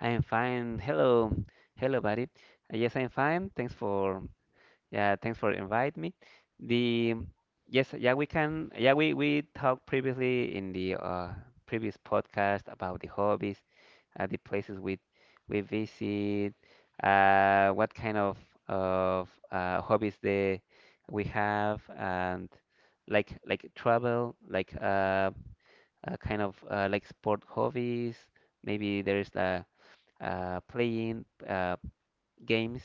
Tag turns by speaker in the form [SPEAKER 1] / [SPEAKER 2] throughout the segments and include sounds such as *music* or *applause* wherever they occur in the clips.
[SPEAKER 1] I am fine. Hello, hello, buddy. Yes, I am fine. Thanks for inviting me. The yes, yeah, we can yeah, we talked previously in the previous podcast about the hobbies, the places we visit, what kind of hobbies they we have, and like travel, like kind of like sport hobbies. Maybe there's a playing games,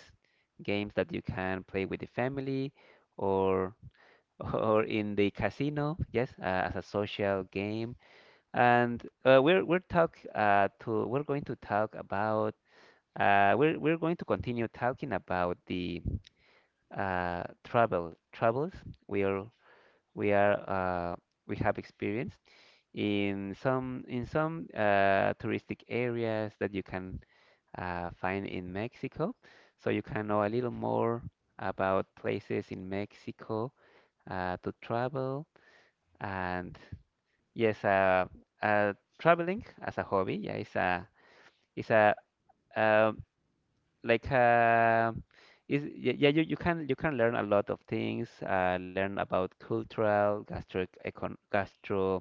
[SPEAKER 1] games that you can play with the family or *laughs* or in the casino, yes, as a social game. And we're going to talk about we're going to continue talking about the travels we are we are we have experienced in some touristic areas that you can find in Mexico. So you can know a little more about places in Mexico to travel. And yes, uh, traveling as a hobby, yeah, it's a um, like is yeah, yeah, you can learn a lot of things, learn about cultural gastro econ gastro.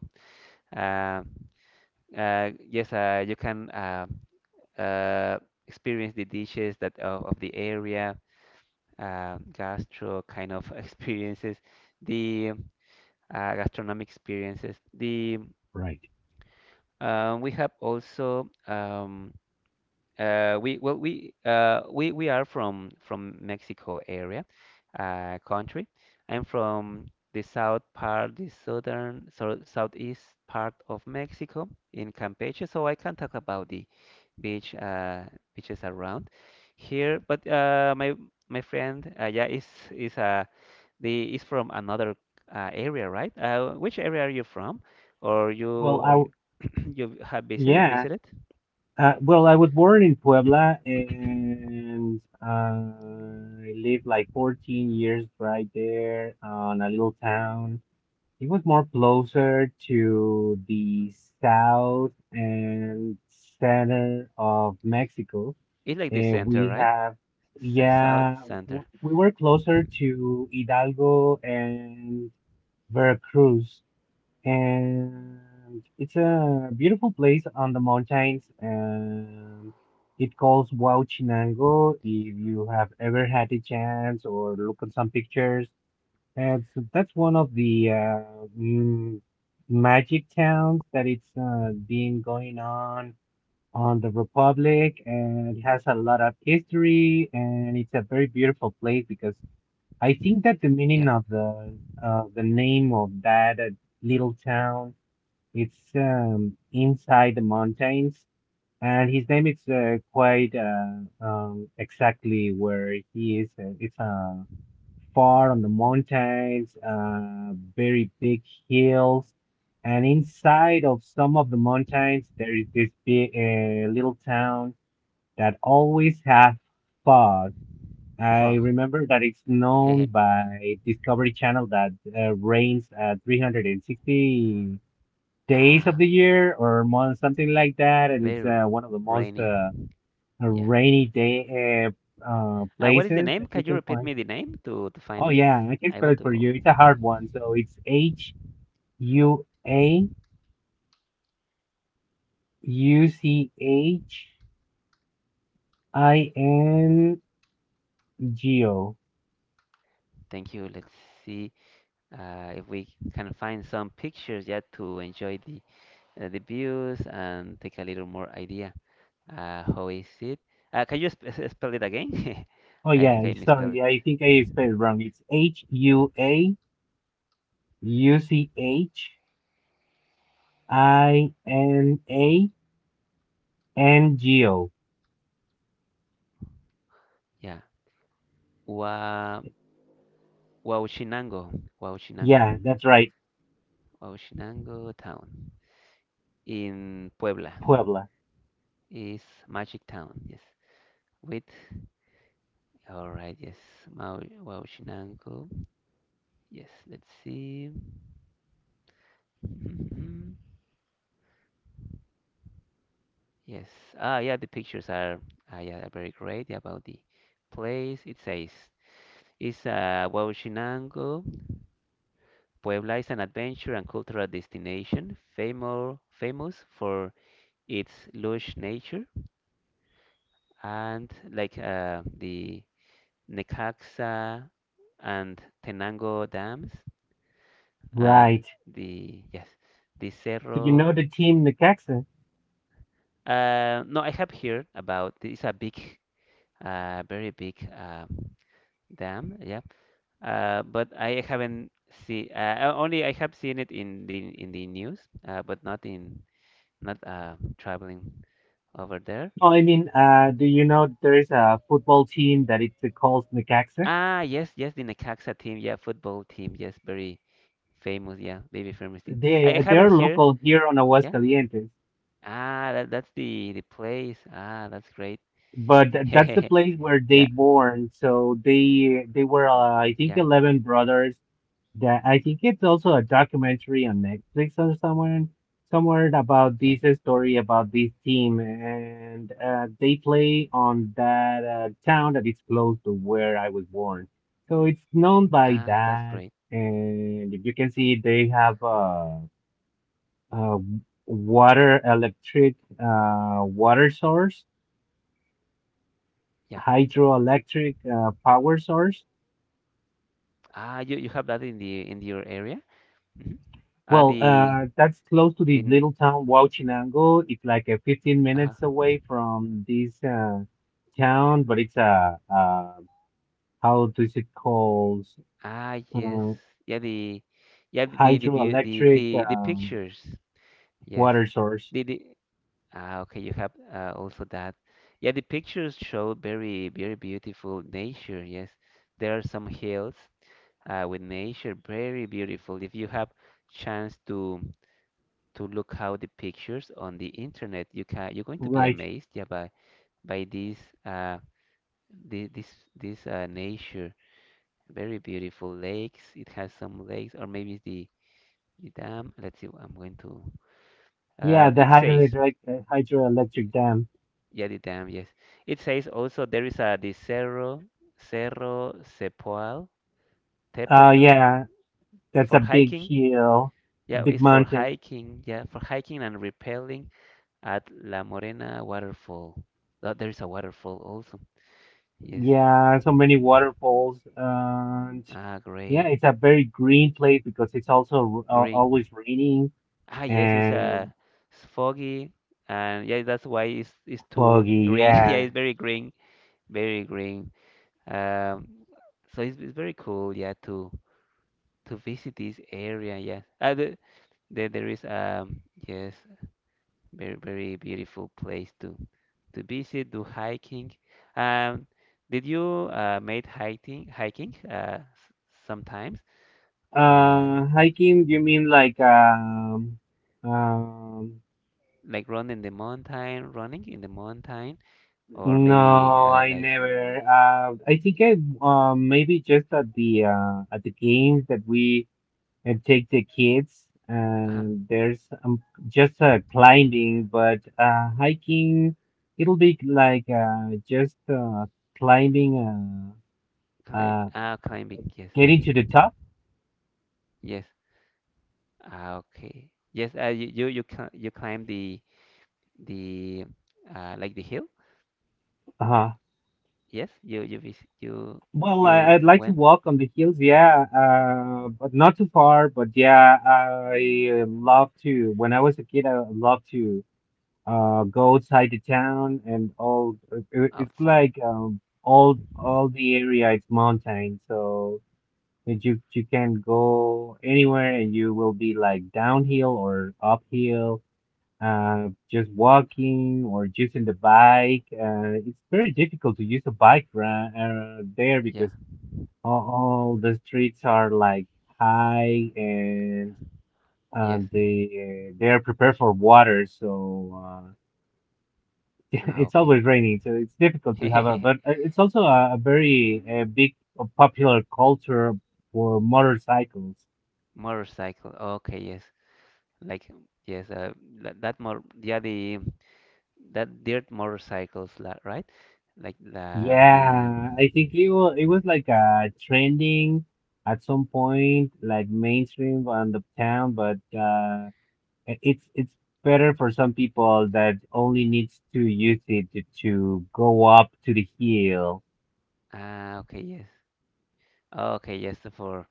[SPEAKER 1] Uh, yes, you can uh, experience the dishes of the area, gastro kind of *laughs* experiences, the gastronomic experiences. The We have also we well we are from Mexico area, country. I'm from the south part, the southern so southeast part of Mexico in Campeche, so I can talk about the beach uh, beaches around here. But my my friend, yeah, is a the is from another area, right? Which area are you from, or you or you, *clears throat* you have visited? *clears throat* It's like the center, right? S south center. Yeah. Fog. *laughs* Ah, very rainy. Yeah. What is the name? Can you repeat me the name to find it? I want to. Thank you. Let's see if we can find some pictures yet to enjoy the views and take a little more idea. How is it? Can you spell it again? *laughs* I think I misspelled it. Yeah. Wa Huauchinango, Huauchinango, Huauchinango town in Puebla is magic town. Yes. With all right. Yes. Mau Huauchinango. Yes. Let's see. *laughs* Mhm. Yes. Ah, yeah. The pictures are ah, yeah are very great about the place. It says it's Huauchinango. Puebla is an adventure and cultural destination famous for its lush nature and like the Necaxa and Tenango dams. Uh, the yes, the Cerro. No, I have heard about it's a big, very big dam. Yeah, but I haven't see. Only I have seen it in the news, but not in not traveling over there. Ah, yes, yes, the Necaxa team, yeah, football team, yes, very famous, yeah, very famous team. I haven't heard, yeah. That's the place. Ah, that's great. *laughs* Hehehe. Yeah, yeah, yes. Ah, that's great. Yeah. Ah, you have that in the in your area? Hmm Ah, the the n- uh-huh. Ah, yes, yeah, the yeah the pictures, yes, the Ah, okay, you have also that. Yeah, the pictures show very, very beautiful nature. Yes, there are some hills with nature, very beautiful. If you have chance to look out the pictures on the internet, you can you're going to be amazed, yeah, by this uh the, this nature. Very beautiful lakes. It has some lakes, or maybe it's the dam. Let's see. I'm going to. It says. Yeah, the dam, yes. It says also there is a the Cerro, Cerro Sepoal, Tepetl for hiking. Yeah, it's for hiking. Yeah, for hiking and rappelling at La Morena waterfall. There is a waterfall also. Yes. Ah, great. Green. Ah, yes, it's foggy, and yeah, that's why it's too green. *laughs* Yeah, it's very green, very green. Um, so it's very cool. Yeah, too to visit this area. Yes, there is yes very very beautiful place to visit, do hiking. Um, did you made hiking sometimes uh like run in the mountain, running in the mountain, or maybe like uh climb climbing. Yes, yes. Ah, okay. Yes, you, cl you climb the the like the hill. Yes, you you went outside. Yeah. Yes. Ah, okay. *laughs* Motorcycle. Okay. Yes. Like yes. That more. Yeah. The that dirt motorcycles. Right. Like the the. Ah. Okay. Yes. Okay. Yes. For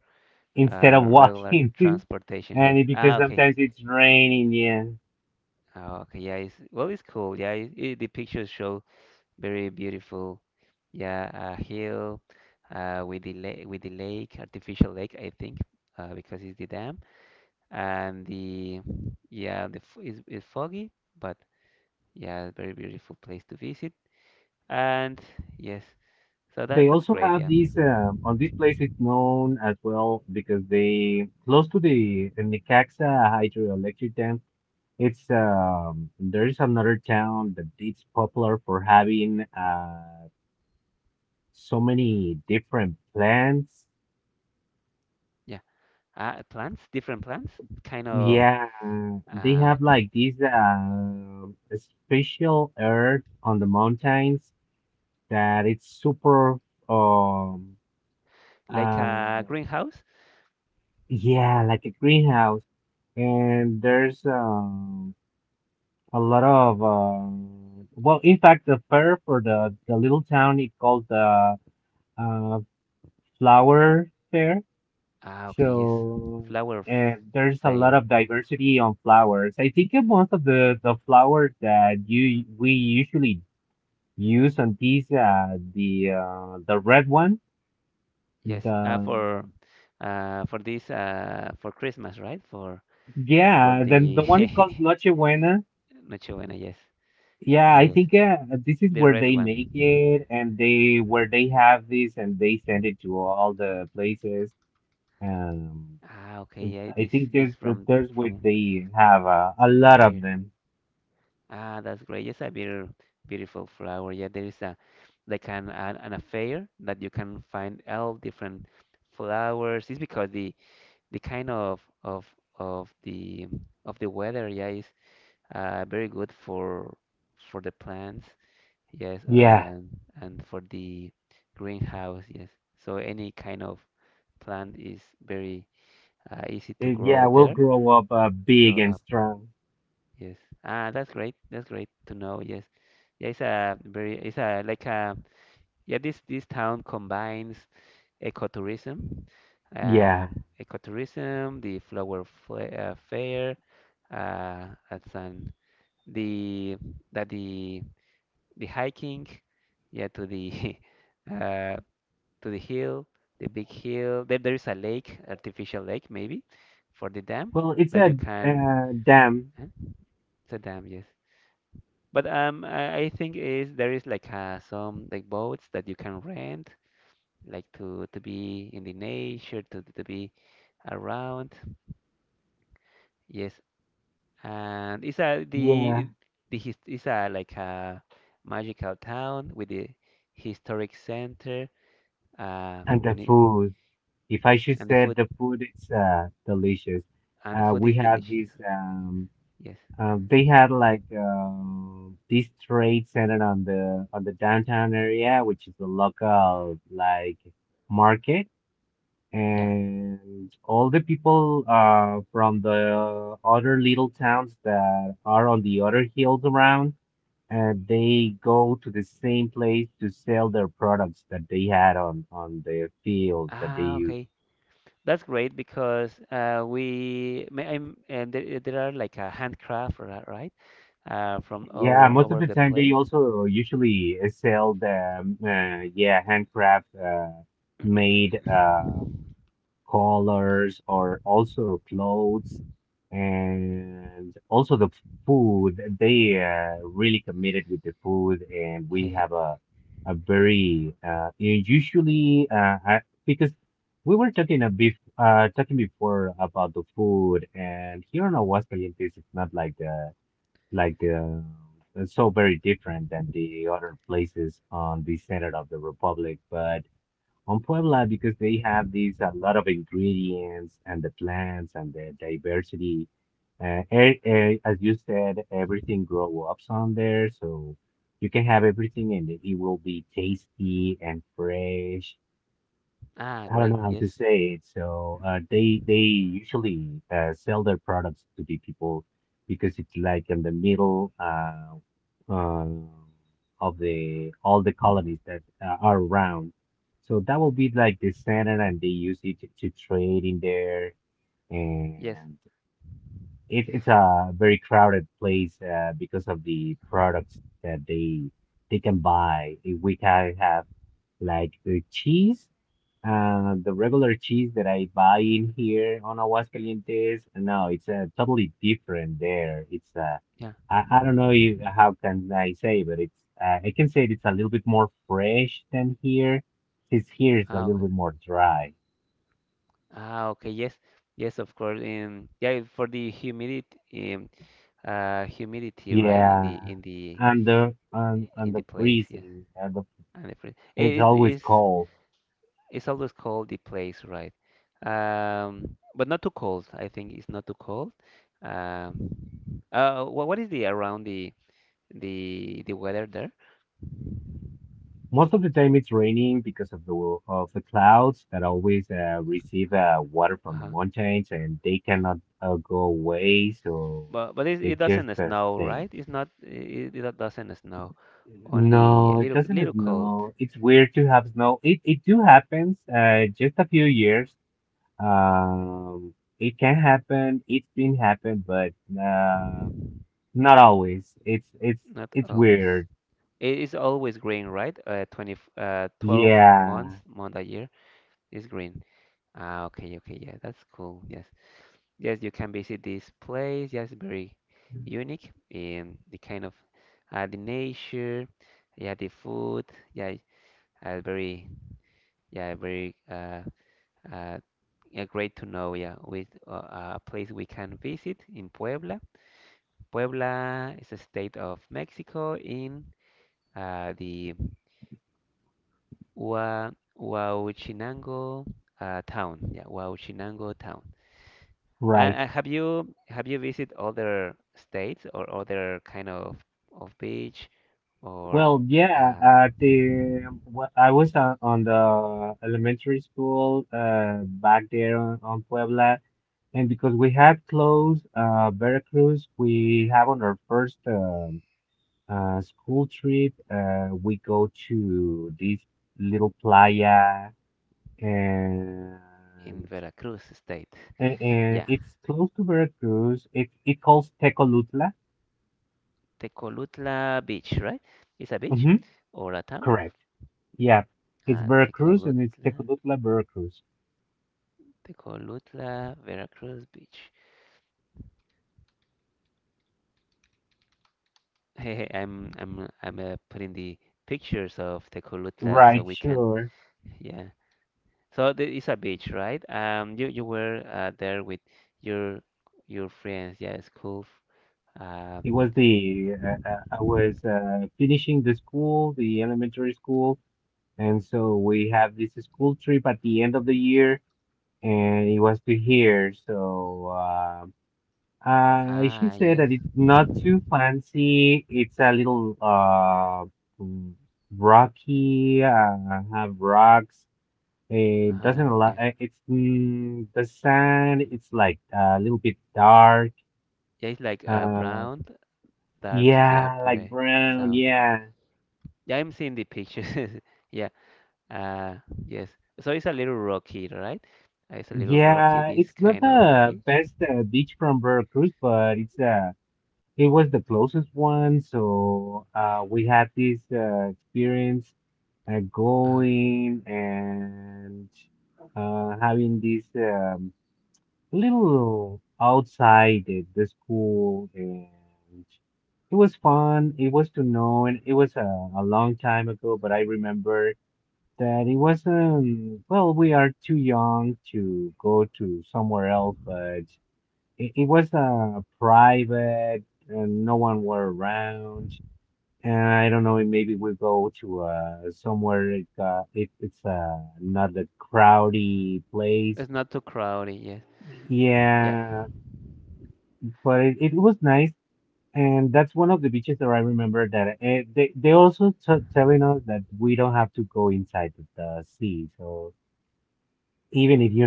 [SPEAKER 1] regular transportation. Yes. Ah. Okay. Ah, okay. Yeah. It's well. It's cool. Yeah. The pictures show very beautiful. Yeah, a hill with the lake, artificial lake, I think, because it's the dam. And the yeah, the f is foggy, but yeah, very beautiful place to visit. And yes, so that that's great. Yeah, yeah. Plants, different plants, kind of. Ah, okay. Like a greenhouse. Ah, okay. Yes, flower f- fair. Yes, for this for Christmas, right? For the *laughs* Nochebuena, yes, yes, the red one. Ah, okay, yeah, this is from from here. Ah, that's great. Yes, a beautiful flower. Yeah, there is a like an affair that you can find all different flowers. It's because the kind of the of the weather, yeah, is very good for the plants. Yes, and for the greenhouse, yes. So any kind of plant is very easy to grow there, grow up. Yes. Ah, that's great. That's great to know. Yes. Yeah, it's a very, it's a like a, yeah, this town combines ecotourism, uh, ecotourism, the fair, at San, the that the hiking, yeah, to the *laughs* uh, to the hill, the big hill. There is a lake, artificial lake maybe, for the dam that you can. Huh? It's a dam, yes. But I think is there is like some like boats that you can rent, like to be in the nature, to be around. Yes, and it's a the his, it's a like a magical town with the historic center, uh, muni- and the food and the food is delicious. Yes. Yeah. Ah, okay. That's great because and there are like a handcraft, right? From all over the place. *coughs* Ah, great. Yes. Yes. Yeah. Ah, okay. Ah, okay. Yes. Yes, of course. Yeah, for the humidity, um, humidity, right? In the in the in the place. Yes. And the fri- eh, is it's always cold the place, right? But not too cold. I think it's not too cold. Um, what is the around the the weather there? Uh-huh. But it, it doesn't snow, right? It's not. It doesn't snow. Only a little cold. Not always. It is always green, right? 12 months, month a year is green. Ah, okay, okay, yeah, that's cool. Yes. Yes, you can visit this place. Yes, very unique in the kind of the nature, yeah, the food, yeah, uh, very, yeah, very uh, yeah, great to know. Yeah, with a place we can visit in Puebla. Puebla is a state of Mexico in uh, the Hua- Huauchinango town. Yeah, Huauchinango town. And have you visited other states or other kind of beach or uh, in Veracruz state? Yeah, Tecolutla Beach, right? It's a beach or a town? Uh, Tecolutla, Tecolutla, Veracruz Beach. *laughs* Hey, hey, I'm putting the pictures of Tecolutla so we can, yeah, so there is a beach, right? You you were there with your your friends, yeah, school. Uh, ah, yes. Uh-huh, yeah. Yeah, it's like brown, dark, yeah, gray sound. Yeah, I'm seeing the pictures. *laughs* Yeah. Uh, yes. So it's a little rocky, right? It's a little rocky, this kind of beach. Uh-huh. It's not too crowded. Yes. Yeah.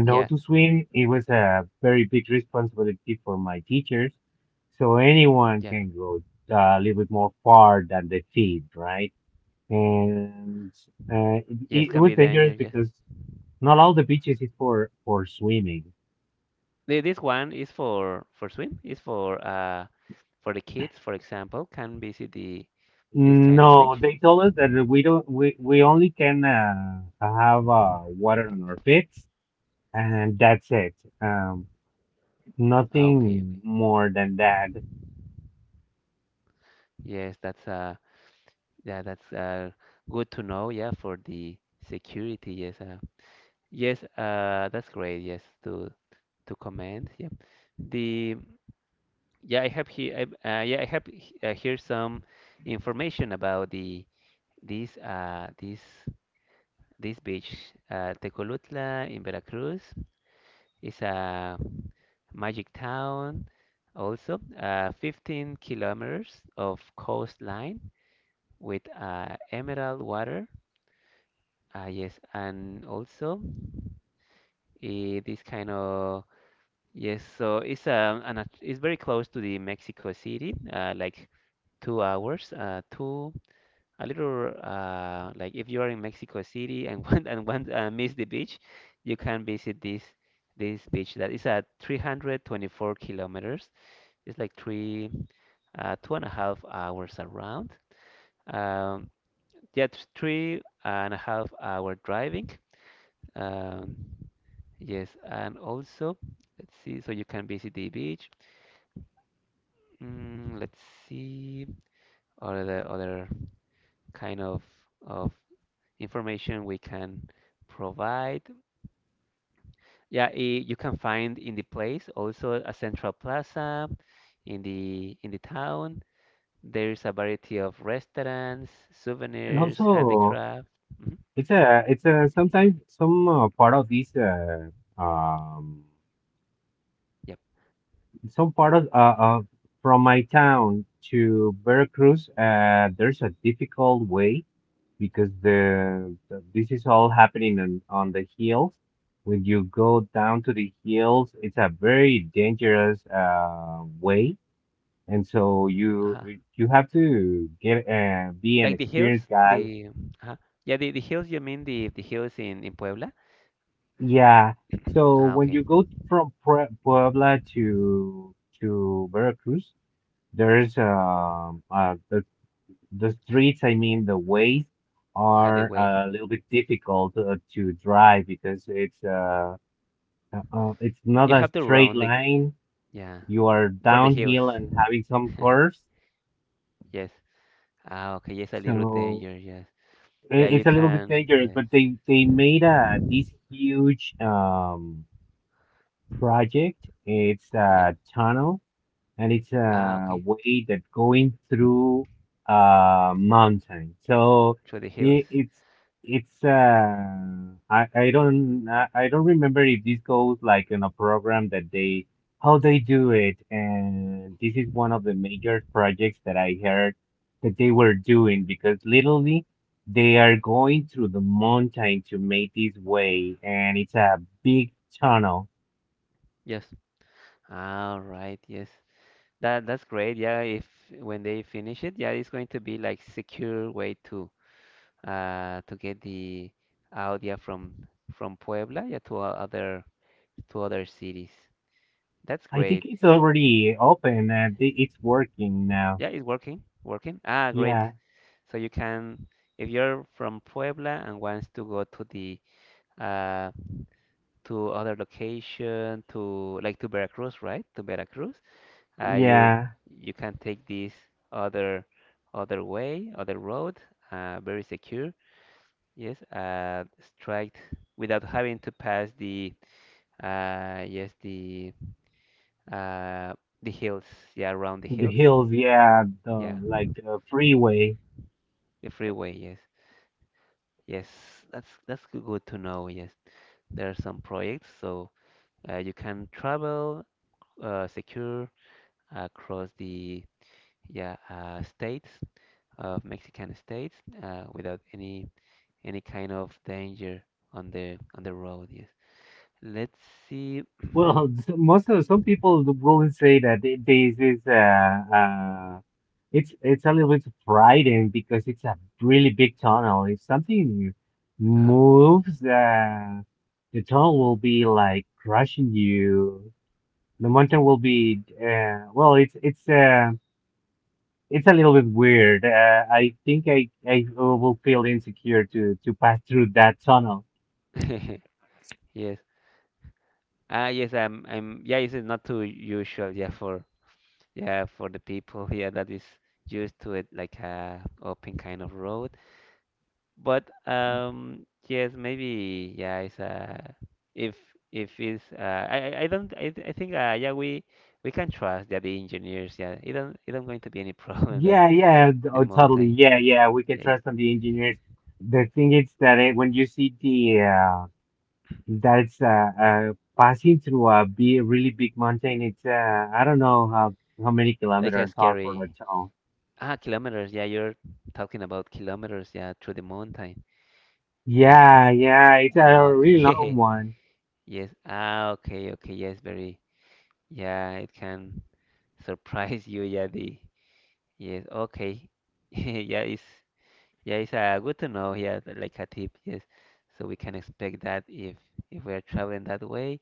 [SPEAKER 1] Yeah. Yeah. Yes, can be dangerous. Yes. This one is for swim, is for the kids, for example, can visit the this kind of beach. Ah, okay, okay. Yes, that's yeah, that's good to know, yeah, for the security. Yes, yes, that's great. Yes, to comment. Yeah. The yeah, I have here I, yeah, I have here some information about the this this beach Tecolutla in Veracruz. It's a magic town also, 15 kilometers of coastline with emerald water. Yes, and also eh, this kind of yes, so it's an, at- it's very close to the Mexico City, like 2 hours, two a little like if you are in Mexico City and *laughs* want miss the beach, you can visit this beach that is at 324 kilometers. It's like two and a half hours around. Um, yeah, three and a half hour driving. Um, yes, and also, let's see, so you can visit the beach. Mm, let's see, other kind of information we can provide. Yeah, you can find in the place also a central plaza in the town. There is a variety of restaurants, souvenirs, handicraft. Hmm. Yep. Uh-huh. Like the hills, the uh yeah, the hills, you mean the hills in Puebla? Ah, okay. *laughs* Ah, the way. You have to round the, yeah, for the hills. *laughs* Yes. Ah, okay. Yes, a little danger. Yes. Yeah, you can. Yes. Yeah. Ah, okay. Through the hills. Yes. All right. Yes. That's great. Yeah. If when they finish it, yeah, it's going to be like secure way to, to get the audio from Puebla, yeah, to other cities. That's great. Yeah, it's working. Ah, great. So you can, if you're from Puebla and wants to go to the, uh, to other location, to like to Veracruz, right? To Veracruz, you you can take this other other way, other road, very secure. Yes, straight without having to pass the, yes, uh, the hills. Yeah, around the hills. Yeah, the freeway. Yes, yes. That's good to know. Yes, there are some projects so, you can travel secure across the, yeah, states of Mexican states, without any any kind of danger on the road. Yes. Let's see. *coughs* *clears throat* uh *laughs* Yes. Ah, yes. I'm. Yeah. It's not too usual. Yeah. For yeah, for the people *laughs* here that is used to it like a open kind of road. But yes, maybe yeah, it's if if it's I don't I, I think yeah we can trust, yeah, the engineers, yeah, it don't going to be any *laughs* problem that the mountain, yeah, it's like a scary, ah, kilometers, yeah, you're talking about kilometers, yeah, through the mountain. Yes. Ah, okay. *laughs* Yes. Ah, okay, okay. Yes, very. Yeah, it can surprise you. Yeah, the yes. Okay. *laughs* Yeah, it's yeah, it's good to know. Yeah, like a tip. Yes, so we can expect that if we are traveling that way.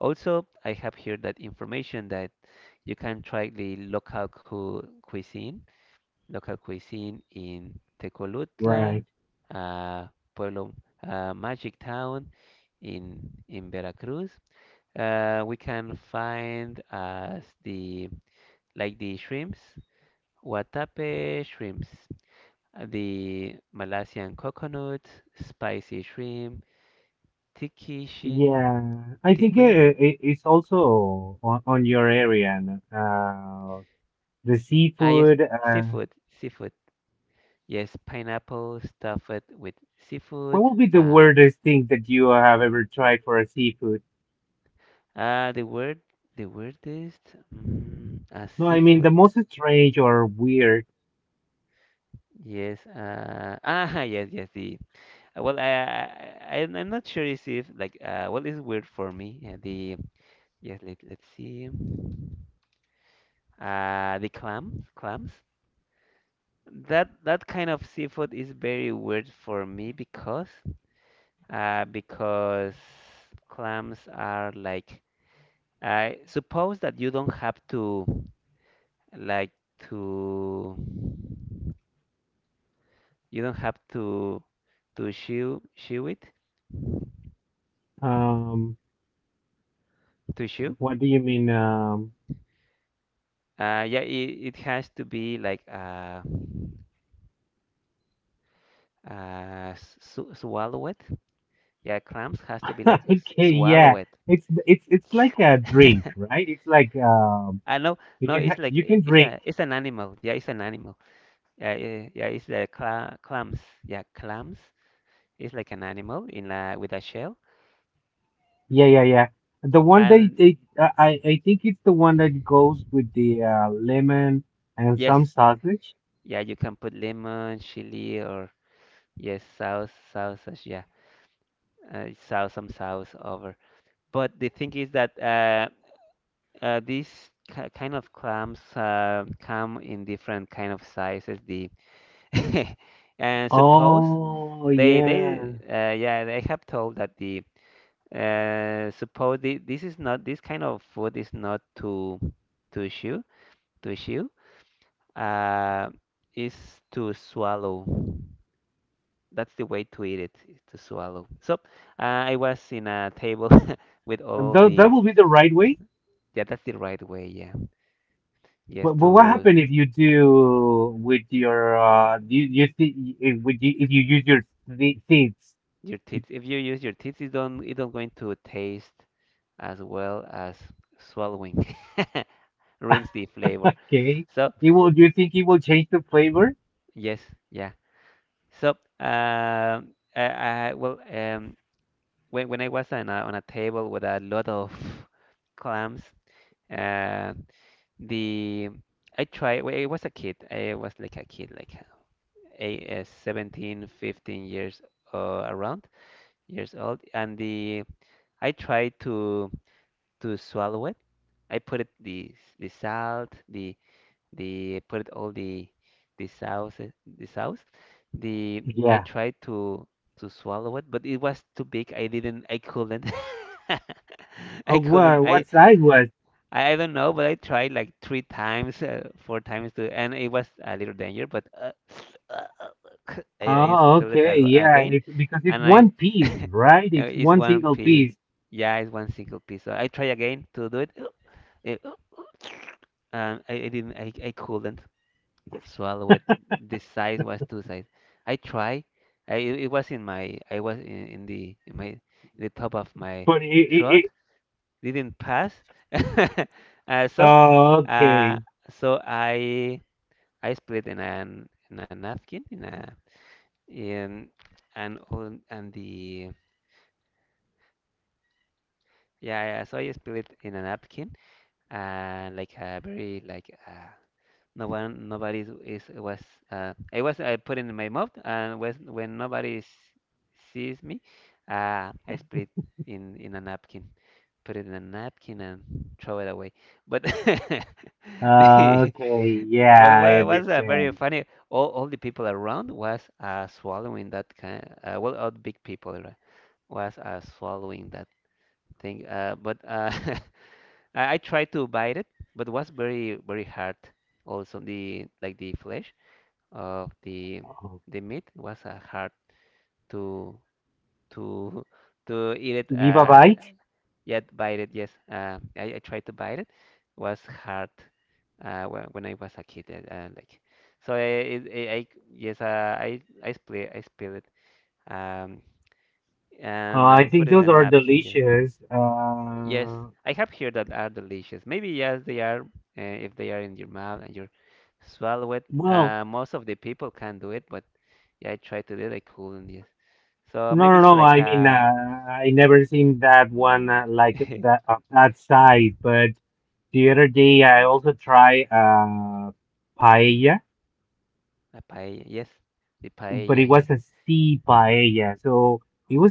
[SPEAKER 1] Also, I have here that information that you can try the local cu cuisine, local cuisine in Tecolutla, uh, Pueblo, Magic Town, in Veracruz. We can find as the like the shrimps, watape shrimps, the Malaysian coconut, spicy shrimp, tiki shin, tiquin. Ah, yes, seafood, seafood. Yes, pineapple stuffed with seafood. Ah, ah, the word, the weirdest, mm, ah, seafood. Yes, *laughs* yes, uh, well, I, I, I'm not sure is if, like, what is weird for me, yes, let's see. The clams. That kind of seafood is very weird for me because uh, because clams are like I suppose that you don't have to like to you don't have to chew it to chew. Yeah, it has to be like swallow it. Yeah, clams has to be like swallow it. *laughs* I know, no, it's like it's a it's an animal. Yeah, it's an animal. Yeah, it's the clams. Yeah, clams. It's like an animal in a with a shell. And yes, yeah, you can put lemon, chili, or yes, sausage. Yeah, sauce some sauce over. But the thing is that, these ki kind of clams come in different kind of sizes. The *laughs* and suppose they, yeah, they have told that the, suppose this kind of food is not to to chew to chew. Uh, is to swallow. That's the way to eat it, is to swallow. So, I was in a table *laughs* with all the, yeah, that's the right way. Yeah, yes, to your teeth. If you use your teeth, it don't going to taste as well as swallowing. *laughs* Rinse the flavor. So yes, yeah. So, um, I, when I was on a table with a lot of clams, uh, the I tried. Well, I was a kid. I was like a kid, like 17, 15 years, around years old, and the I tried to swallow it. I put it the salt, the put all the sauce, the sauce the I tried to swallow it, but it was too big I couldn't, *laughs* I couldn't, I don't know, but I tried like 3 times, 4 times to, and it was a little danger, but *sniffs* uh, uh, *sniffs* I spilled it ag again and I *laughs* you know, it's one piece, yeah, it's one single piece, so I try again to do it. *sniffs* it- *sniffs* and I didn't I couldn't swallow it. This size was two size. I tried. I was in, the top of my throat. Didn't pass. *laughs* uh, so uh, so I split in an in a napkin in a in and on and the yeah, yeah, so I split in a napkin, like a very like No one, nobody was. I was. I put in my mouth, and was when nobody sees me, I split in a napkin, put it in a napkin, and throw it away. But *laughs* the but what was, very funny. All the people around was, swallowing that kind. Well, all the big people, right, was, swallowing that thing. But *laughs* I tried to bite it, but it was very hard. Also the like the flesh of the meat was, hard to to *laughs* to eat it, yet bite it, yes, I tried to bite it. Was hard, when I was a kid, so I, I, yes, I split, I spill it, um and, put it in a napkin. Yes, yes, I have heard that are delicious. Maybe yes, they are, if they are in your mouth and you swallow it. Most of the people can do it, but yeah, I tried to do it. I couldn't. Yes. So maybe it's like a *laughs* a paella. Yes, the paella. Yes. Oh,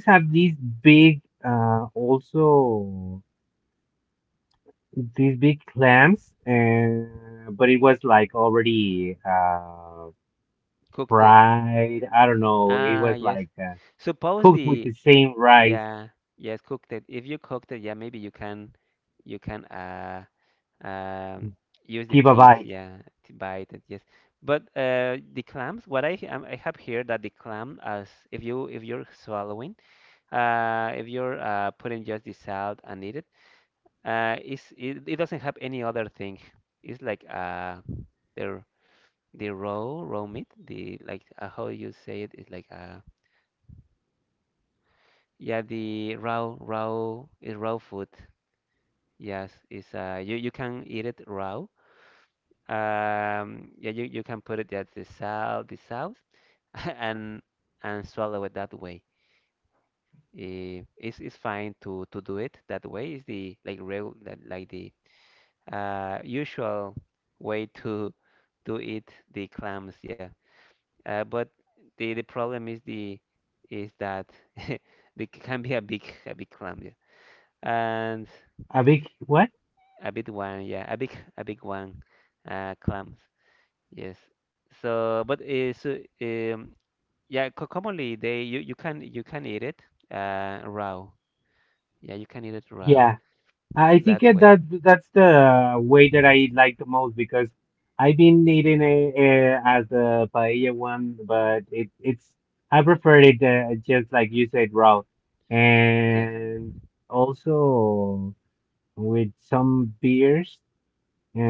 [SPEAKER 1] cooked it. Ah, yes. Suppose the yeah, yes, cooked it. If you cooked it, yeah, maybe you can Um, use the teeth, yeah, to bite it, yes. But, the clams, what I have here that the clam, as if you if you're swallowing, if you're, putting just the salt and eat it, is it, it doesn't have any other thing. It's like the raw meat, the like how you say it is like yeah the raw raw is raw food. Yes, is you you can eat it raw. Yeah, you can put it at the south, *laughs* and and swallow it that way. Eh, it's fine to do it that way. Is the like real like the, usual way to *laughs* to eat the clams. Yeah. But the problem is the is that *laughs* they can be a big clam. Yeah. And a big one. Yeah. A big one. Clams. Yes. So, but yeah, co commonly they you can eat it, raw. Yeah, you can eat it raw that way. Yes,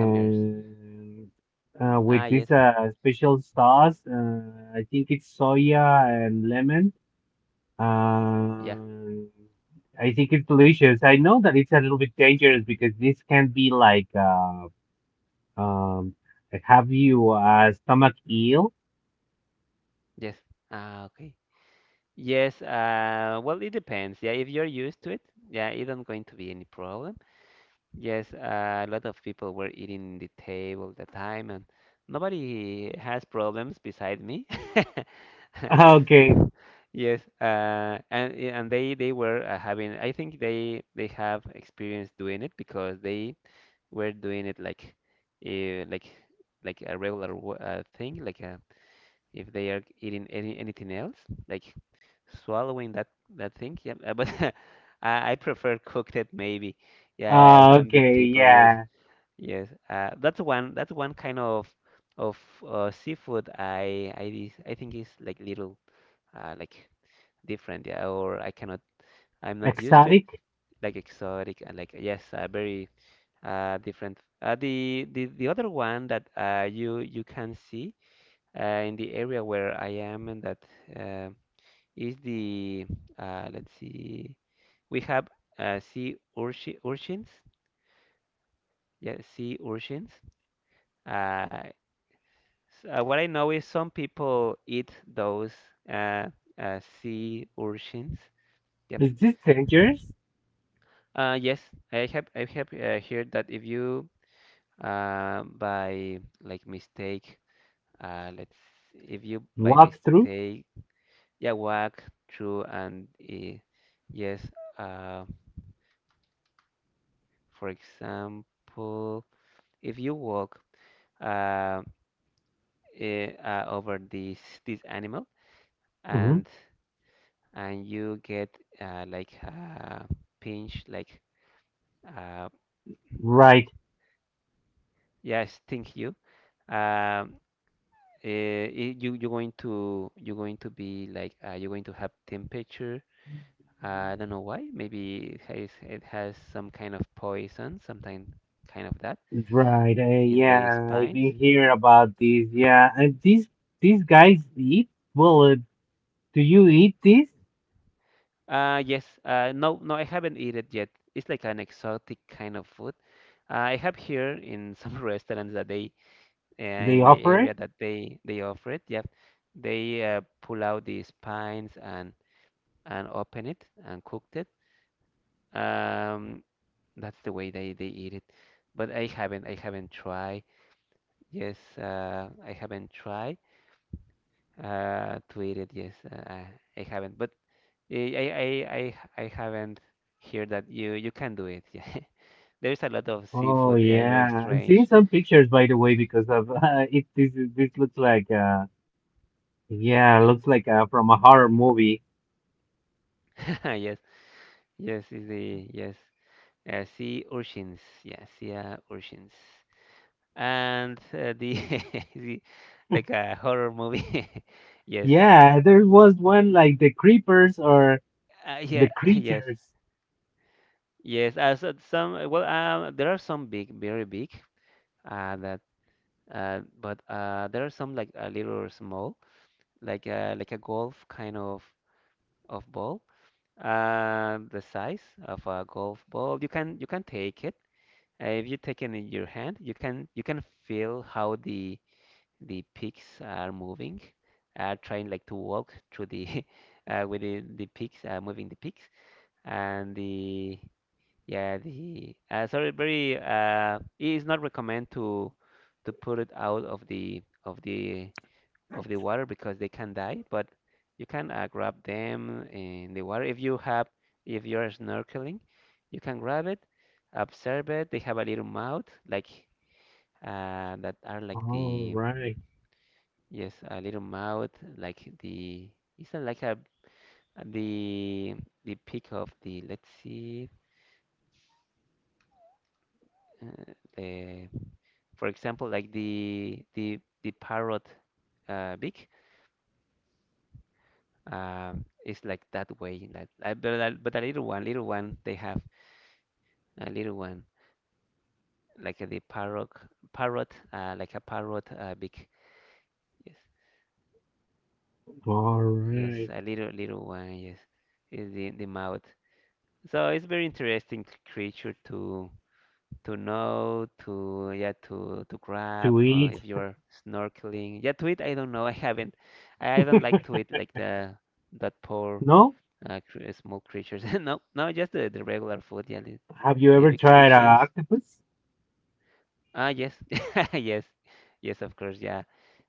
[SPEAKER 1] some beers. Ah, yes. Yeah. Yes. Ah, okay. Yes. Well, it depends. Yeah, if you're used to it, yeah, it don't going to be any problem. Yes. A lot of people were eating the table at the time, and nobody has problems beside me. *laughs* Yes, and yeah, and they were, having. I think they have experience doing it because they were doing it like, uh, like like a regular thing. Like, if they are eating anything else, like swallowing that thing. Yeah, but *laughs* I prefer cooked it maybe. Yeah, I'm the people. Yes, yes. That's one kind of of seafood. I think is like little like different, yeah, or I cannot, I'm not used to it, like exotic and like yes, very different. The other one that you can see in the area where I am and that uh, is the let's see, we have sea urchins, yeah, sea urchins. Uh, what I know is some people eat those uh, sea urchins. Yep. Yes, I have heard that if you by like mistake, let's if you by mistake, yeah, walk through and yes, uh, for example, if you walk uh, over this animal and and you get like a pinch, like uh, yeah, sting you. Um you're going to you're going to be like you're going to have temperature. I don't know why. Maybe it has some kind of poison, something kind of that in the spines. Yes. No, no, I haven't eaten it yet. It's like an exotic kind of food. I have here in some *laughs* restaurants that they in my area that they offer it. Yep. They pull out the spines and open it and cooked it. Um, That's the way they eat it. But I haven't tried. Yes, I haven't tried to eat it. Yes, I haven't. But I haven't heard that you can do it. *laughs* Yeah, there's a lot of seafood. Yeah, very strange. Yeah, *laughs* yes, yes is the yes sea urchins. Yeah, sea urchins. And *laughs* the like a horror movie. *laughs* Yes, yeah, *laughs* yes. Yes, as some well, there are some big, very big, uh, that, but there are some like a little small, like a golf kind of ball, the size of a golf ball. You can take it. If you take it in your hand, you can feel how the peaks are moving, trying like to walk through the *laughs* with the peaks, moving the peaks and the. Yeah, the sorry, very it is not recommend to put it out of the water because they can die. But you can grab them in the water if you have if you're snorkeling, you can grab it, observe it. They have a little mouth like that are like the yes a little mouth like the it's not like a the the peak of the let's see the. For example, like the the parrot beak, is like that way. Like, but a little one, they have a little one like the parrot parrot like a parrot beak. Yes, yes, a little little one. Yes, is the mouth. So it's very interesting creature to know to yeah to grab if you're snorkeling. Yeah, to eat I don't know. I haven't. I don't like to eat like the that poor small creatures. *laughs* no, no, just the regular food. Yeah, the big fishes. Ah, yes, *laughs* yes, yes, of course. Yeah,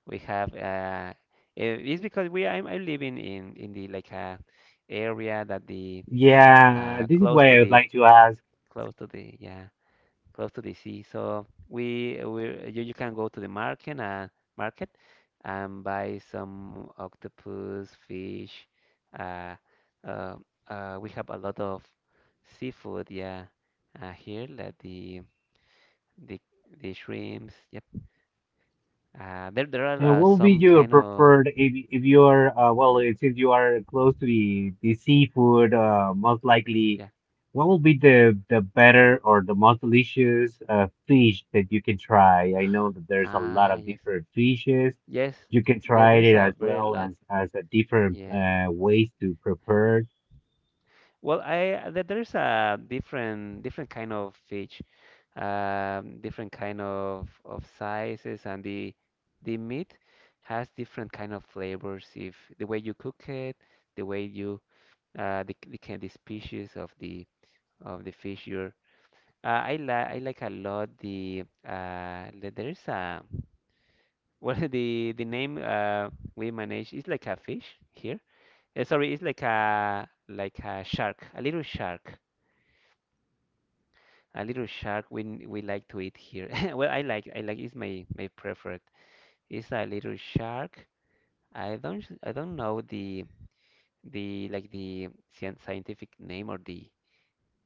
[SPEAKER 1] we have. It's because we I'm living in the like area that the close to the close to the yeah close to the sea. So we you can go to the market market and buy some octopus, fish. Uh, uh, we have a lot of seafood, yeah, here like the the shrimps. Yep. There there are some kind of yeah. Ah yes yes. There's a very lot. Yes. Well, there's a different kind of fish, different kind of sizes, and the meat has different kind of flavors. If the way you cook it, the way you the kind the species of the fish you're. I like a lot the there's a well *laughs* the name we manage is like a fish here. Sorry, it's like a shark, a little shark. A little shark we like to eat here. *laughs* Well, I like it's my my preferred. It's a little shark. I don't know the like the scientific name or the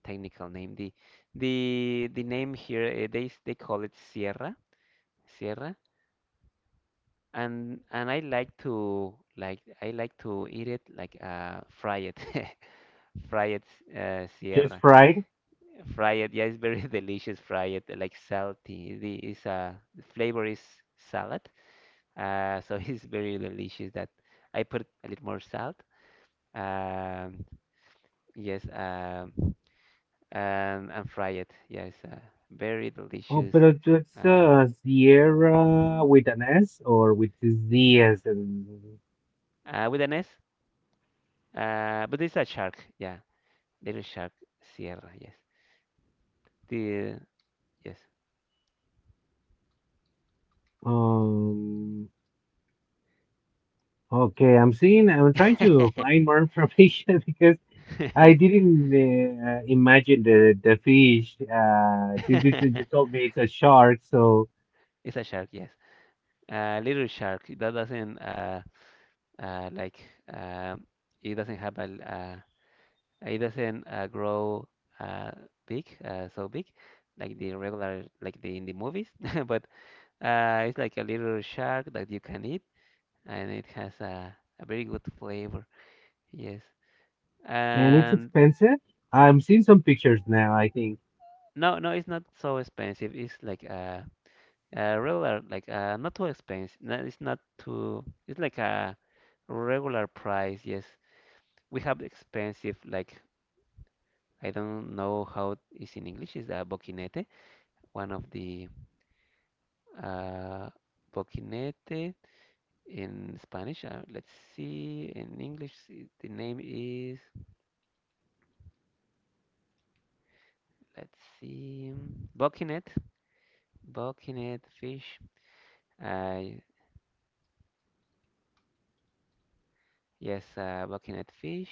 [SPEAKER 1] technical name. The name here they call it Sierra, Sierra. And I like to eat it like fry it *laughs* fry it, Sierra. Fry it. Yeah, it's very *laughs* delicious. Fry it like salty. The is the flavor is salad. So *laughs* it's very delicious that I put a little more salt. Um, yes. And fry it. Yes. Very delicious. Uh, with an S. But it's a shark. Yeah, little shark. Sierra. Yes. The yes. *laughs* *laughs* It's a shark. Yes. Little shark. That doesn't. Like uh, it doesn't have a it doesn't grow uh, big, so big, like the regular, like the in the movies. *laughs* But it's like a little shark that you can eat, and it has a very good flavor. Yes, and no, no, it's not so expensive. It's like a regular, like not too expensive. No, it's not too. It's like a regular price. Yes, we have expensive like I don't know how it's in English. Is a boquinete, one of the uh, boquinete in Spanish. Let's see. In English, the name is let's see, boquinet fish. Uh, yes, boquinet fish.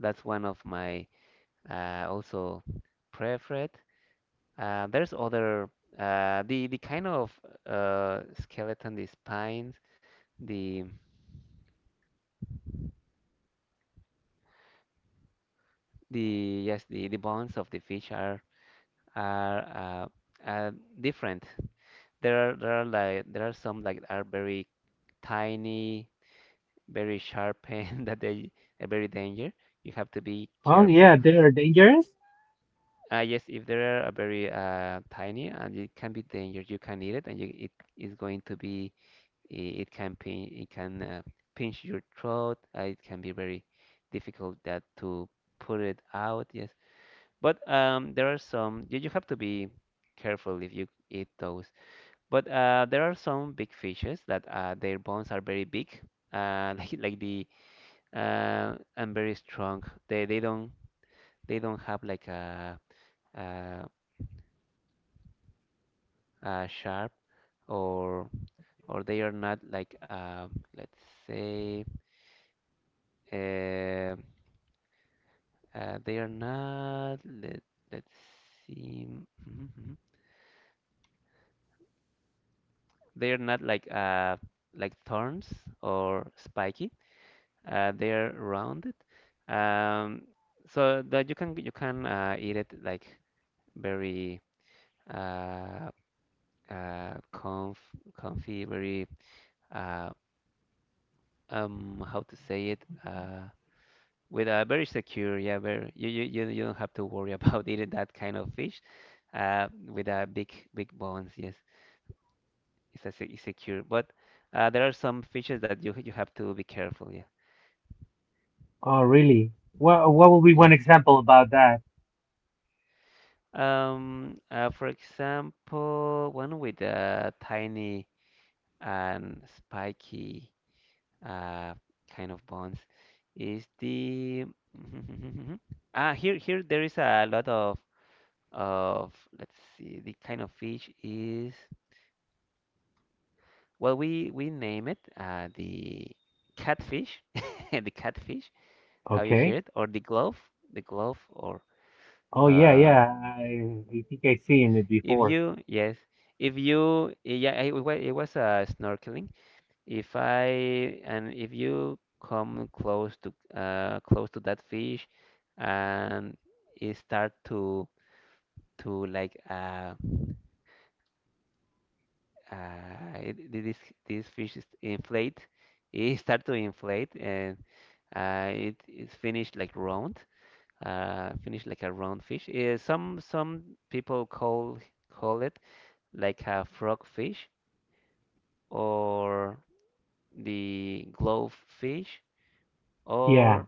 [SPEAKER 1] That's one of my also preferred. There's other the kind of uh, skeleton, the spines, the. The yes, the bones of the fish are uh, uh, different. There are like there are some like are very tiny, very sharp pain *laughs* that they are very danger. You have to be careful. Yes, if they are very tiny and it can be danger, you can eat it and you, it is going to be it can pinch your throat. It can be very difficult that to put it out. Yes, but there are some, you have to be careful if you eat those. But there are some big fishes that their bones are very big, *laughs* like the and very strong. They don't have like a, a sharp or or they are not like let's say uh, they are not let's see *laughs* they are not like like thorns or spiky. They are rounded. Um, so that you can eat it like very uh, uh, comf comfy, very uh, how to say it with a very secure yeah very you don't have to worry about *laughs* eating that kind of fish with a big bones yes it's secure but there are some fishes that you have to be careful yeah yes. For example, one with a tiny and spiky uh, kind of bones is the *laughs* ah here here there is a lot of of let's see the kind of fish is well we name it the catfish, *laughs* the catfish, how you hear it or the glove, the glove or uh, if you, yes, if you, yeah, it was snorkeling. If I, and if you come close to, close to that fish, and it start to like, this this fish is inflate, it *laughs* start to inflate, and it is finished like round, finished like a round fish. Some people call it like a frog fish or the glowfish or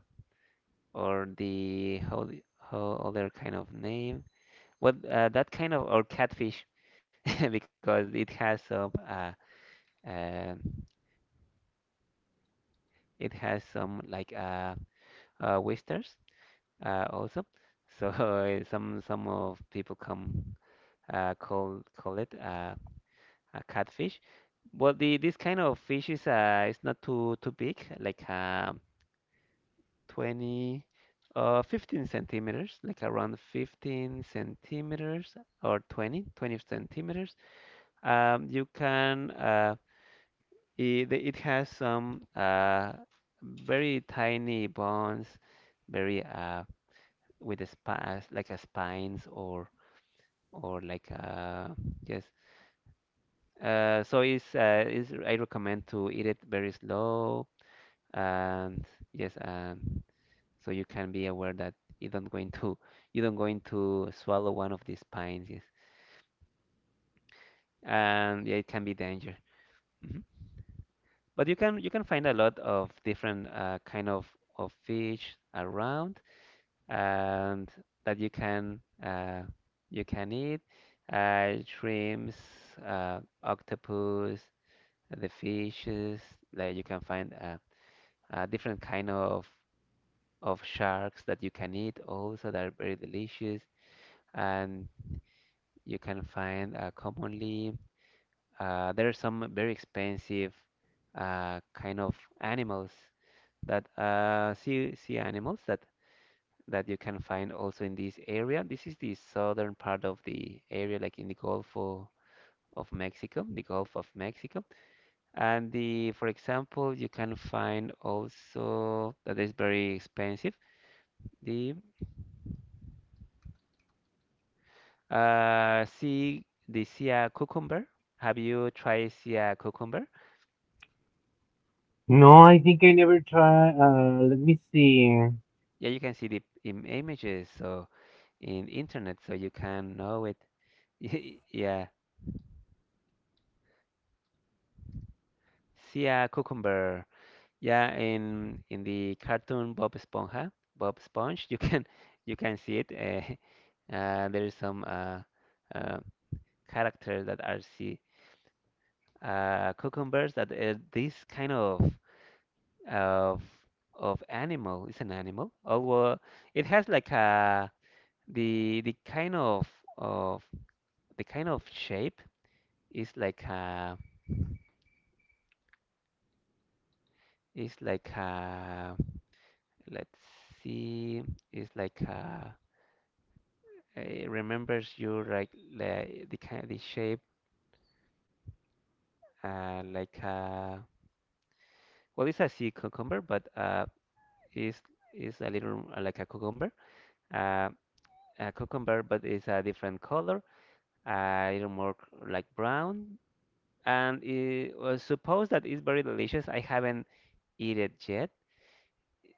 [SPEAKER 1] or the how other kind of name what that kind of or catfish *laughs* because uh it has some like oysters also so *laughs* some of people come call it a catfish. Well the this kind of fish is it's not too big like 20, 15 centimeters, like around 15 centimeters or 20, 20 centimeters. Um, you can, uh, it has some very tiny bones, very with a spine, like a spines or like a, yes. So it's is I recommend to eat it very slow and, yes, so you can be aware that you don't going to you don't going to swallow one of these pines, yes. And yeah, it can be danger. Mhm. But you can find a lot of different, kind of fish around, and that you can, eat, shrimps, octopus, the fishes. Like you can find, different kind of sharks that you can eat also, that are very delicious. And you can find, commonly, there are some very expensive, kind of animals that, sea animals, that you can find also in this area. This is the southern part of the area, like in the Gulf of, Mexico, the Gulf of Mexico. And the, for example, you can find also that is very expensive. The uh, sea, the sea cucumber. Have you tried sea cucumber? Yeah, you can see the, Im images, so in internet, so you can know it. *laughs* Yeah, see a cucumber. Yeah, in the cartoon Bob Esponja, Bob Sponge, you can *laughs* you can see it. *laughs* There is some, uh, characters that are see cucumbers, that, this kind of of animal is an animal. Although it has like a, the kind of of shape. It's like a, it's like a, let's see, it's like a, it remembers you like the kind, the shape, uh, like a, well, it's a sea cucumber, but, it's it's a little, like uh, a cucumber, but it's a different color, a little more, like brown. And it was supposed that it's very delicious. I haven't eat it yet.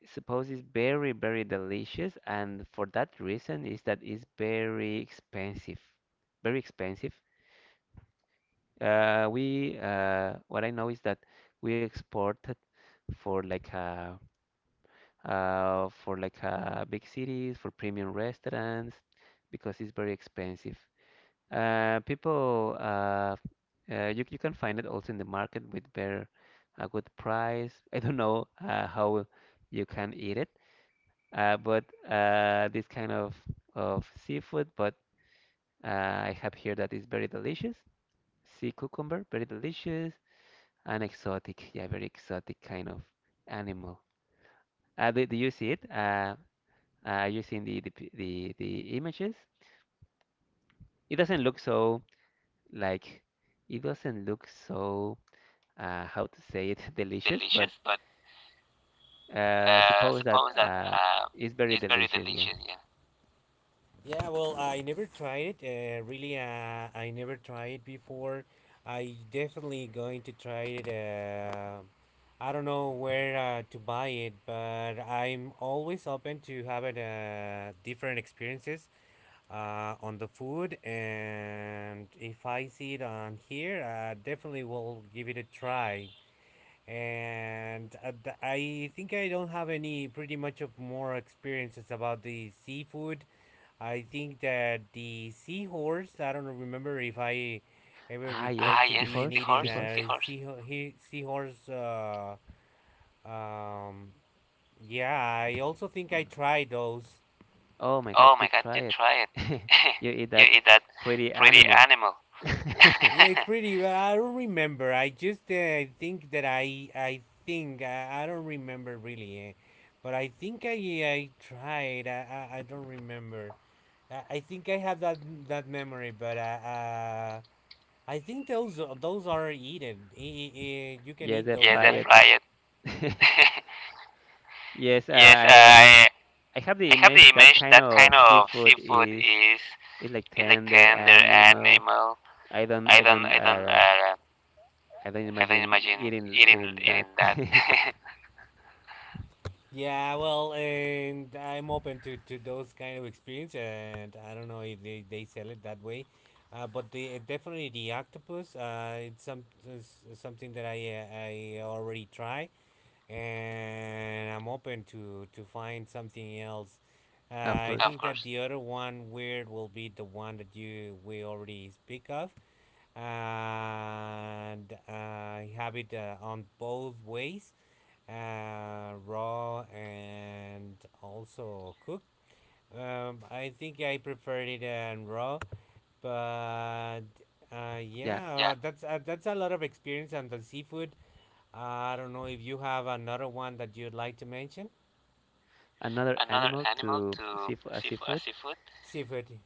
[SPEAKER 1] Suppose it's very, very delicious, and for that reason is that it's very expensive. Very expensive. We What I know is that we exported for like a, for like, big cities, for premium restaurants, because it's very expensive. People, you can find it also in the market with, very a good price. *laughs* I don't know, how you can eat it, but, this kind of seafood. But, I have here that is very delicious. Sea cucumber, very delicious and exotic. Yeah, very exotic kind of animal. Do you see it? Are you seeing the images? It doesn't look so, like it doesn't look so, how to
[SPEAKER 2] How
[SPEAKER 1] say
[SPEAKER 2] to
[SPEAKER 1] it, *laughs*
[SPEAKER 2] say it *laughs*
[SPEAKER 1] delicious, but,
[SPEAKER 2] delicious, but
[SPEAKER 1] suppose that,
[SPEAKER 2] suppose that
[SPEAKER 1] it's very
[SPEAKER 2] it's very
[SPEAKER 1] delicious. Yeah.
[SPEAKER 2] delicious. Yeah. Yeah, well, I never tried it. Really, I never tried it before. I definitely going to try it. I don't know where to buy it, but I'm always open to having different experiences on the food. And if I see it on here, I definitely will give it a try. And I think I don't have any pretty much of more experiences about the seafood. I think that the seahorse. I don't remember if I ever
[SPEAKER 1] Ah,
[SPEAKER 2] recall
[SPEAKER 1] yes,
[SPEAKER 2] ah, to yes,
[SPEAKER 1] the
[SPEAKER 2] being eating
[SPEAKER 1] horse,
[SPEAKER 2] seahorse, a
[SPEAKER 1] seahorse.
[SPEAKER 2] seahorse. Seahorse. Um, yeah, I also think I tried those.
[SPEAKER 1] Oh my God,
[SPEAKER 2] Oh my
[SPEAKER 1] you
[SPEAKER 2] God, you
[SPEAKER 1] try it.
[SPEAKER 2] try it.
[SPEAKER 1] *laughs*
[SPEAKER 2] *laughs*
[SPEAKER 1] You eat
[SPEAKER 2] You
[SPEAKER 1] that
[SPEAKER 2] eat that
[SPEAKER 1] pretty
[SPEAKER 2] pretty
[SPEAKER 1] animal.
[SPEAKER 2] animal.
[SPEAKER 1] *laughs*
[SPEAKER 2] It's pretty. I don't remember. I just think that I think I don't remember really, eh? But I think I tried. I don't remember. I think I have that memory, but I think those are eaten. You can
[SPEAKER 1] Yes,
[SPEAKER 2] eat
[SPEAKER 1] I
[SPEAKER 2] those, yes,
[SPEAKER 1] fry
[SPEAKER 2] that's
[SPEAKER 1] it.
[SPEAKER 2] right?
[SPEAKER 1] *laughs*
[SPEAKER 2] Right. *laughs*
[SPEAKER 1] Yes,
[SPEAKER 2] Yes,
[SPEAKER 1] I I have the
[SPEAKER 2] I have the
[SPEAKER 1] image that
[SPEAKER 2] image
[SPEAKER 1] kind
[SPEAKER 2] that kind
[SPEAKER 1] of
[SPEAKER 2] of
[SPEAKER 1] seafood
[SPEAKER 2] seafood
[SPEAKER 1] is
[SPEAKER 2] is
[SPEAKER 1] is like
[SPEAKER 2] is like
[SPEAKER 1] tender
[SPEAKER 2] tender
[SPEAKER 1] animal.
[SPEAKER 2] animal.
[SPEAKER 1] I don't
[SPEAKER 2] I
[SPEAKER 1] I
[SPEAKER 2] don't
[SPEAKER 1] don't
[SPEAKER 2] I don't
[SPEAKER 1] uh,
[SPEAKER 2] uh,
[SPEAKER 1] I don't
[SPEAKER 2] I don't
[SPEAKER 1] imagine
[SPEAKER 2] imagine
[SPEAKER 1] eating
[SPEAKER 2] eating
[SPEAKER 1] eating that.
[SPEAKER 2] eating that.
[SPEAKER 1] *laughs*
[SPEAKER 2] *laughs* Yeah, well, and I'm open to those kind of experience, and I don't know if they sell it that way, but the definitely the octopus, it's something that I I already try, and I'm open to find something else. Uh,
[SPEAKER 1] Of
[SPEAKER 2] I of
[SPEAKER 1] course,
[SPEAKER 2] think that course. The other one weird will be the one that you we already speak of, and I have it on both ways, raw and also cooked. I think I preferred it raw, but
[SPEAKER 1] yeah.
[SPEAKER 2] Yeah, that's a lot of experience on the seafood. Uh, I don't know if you have another one that you'd like to mention.
[SPEAKER 1] Another
[SPEAKER 2] Another
[SPEAKER 1] animal
[SPEAKER 2] animal
[SPEAKER 1] to,
[SPEAKER 2] to seafood,
[SPEAKER 1] seafood.
[SPEAKER 2] seafood. Seafood.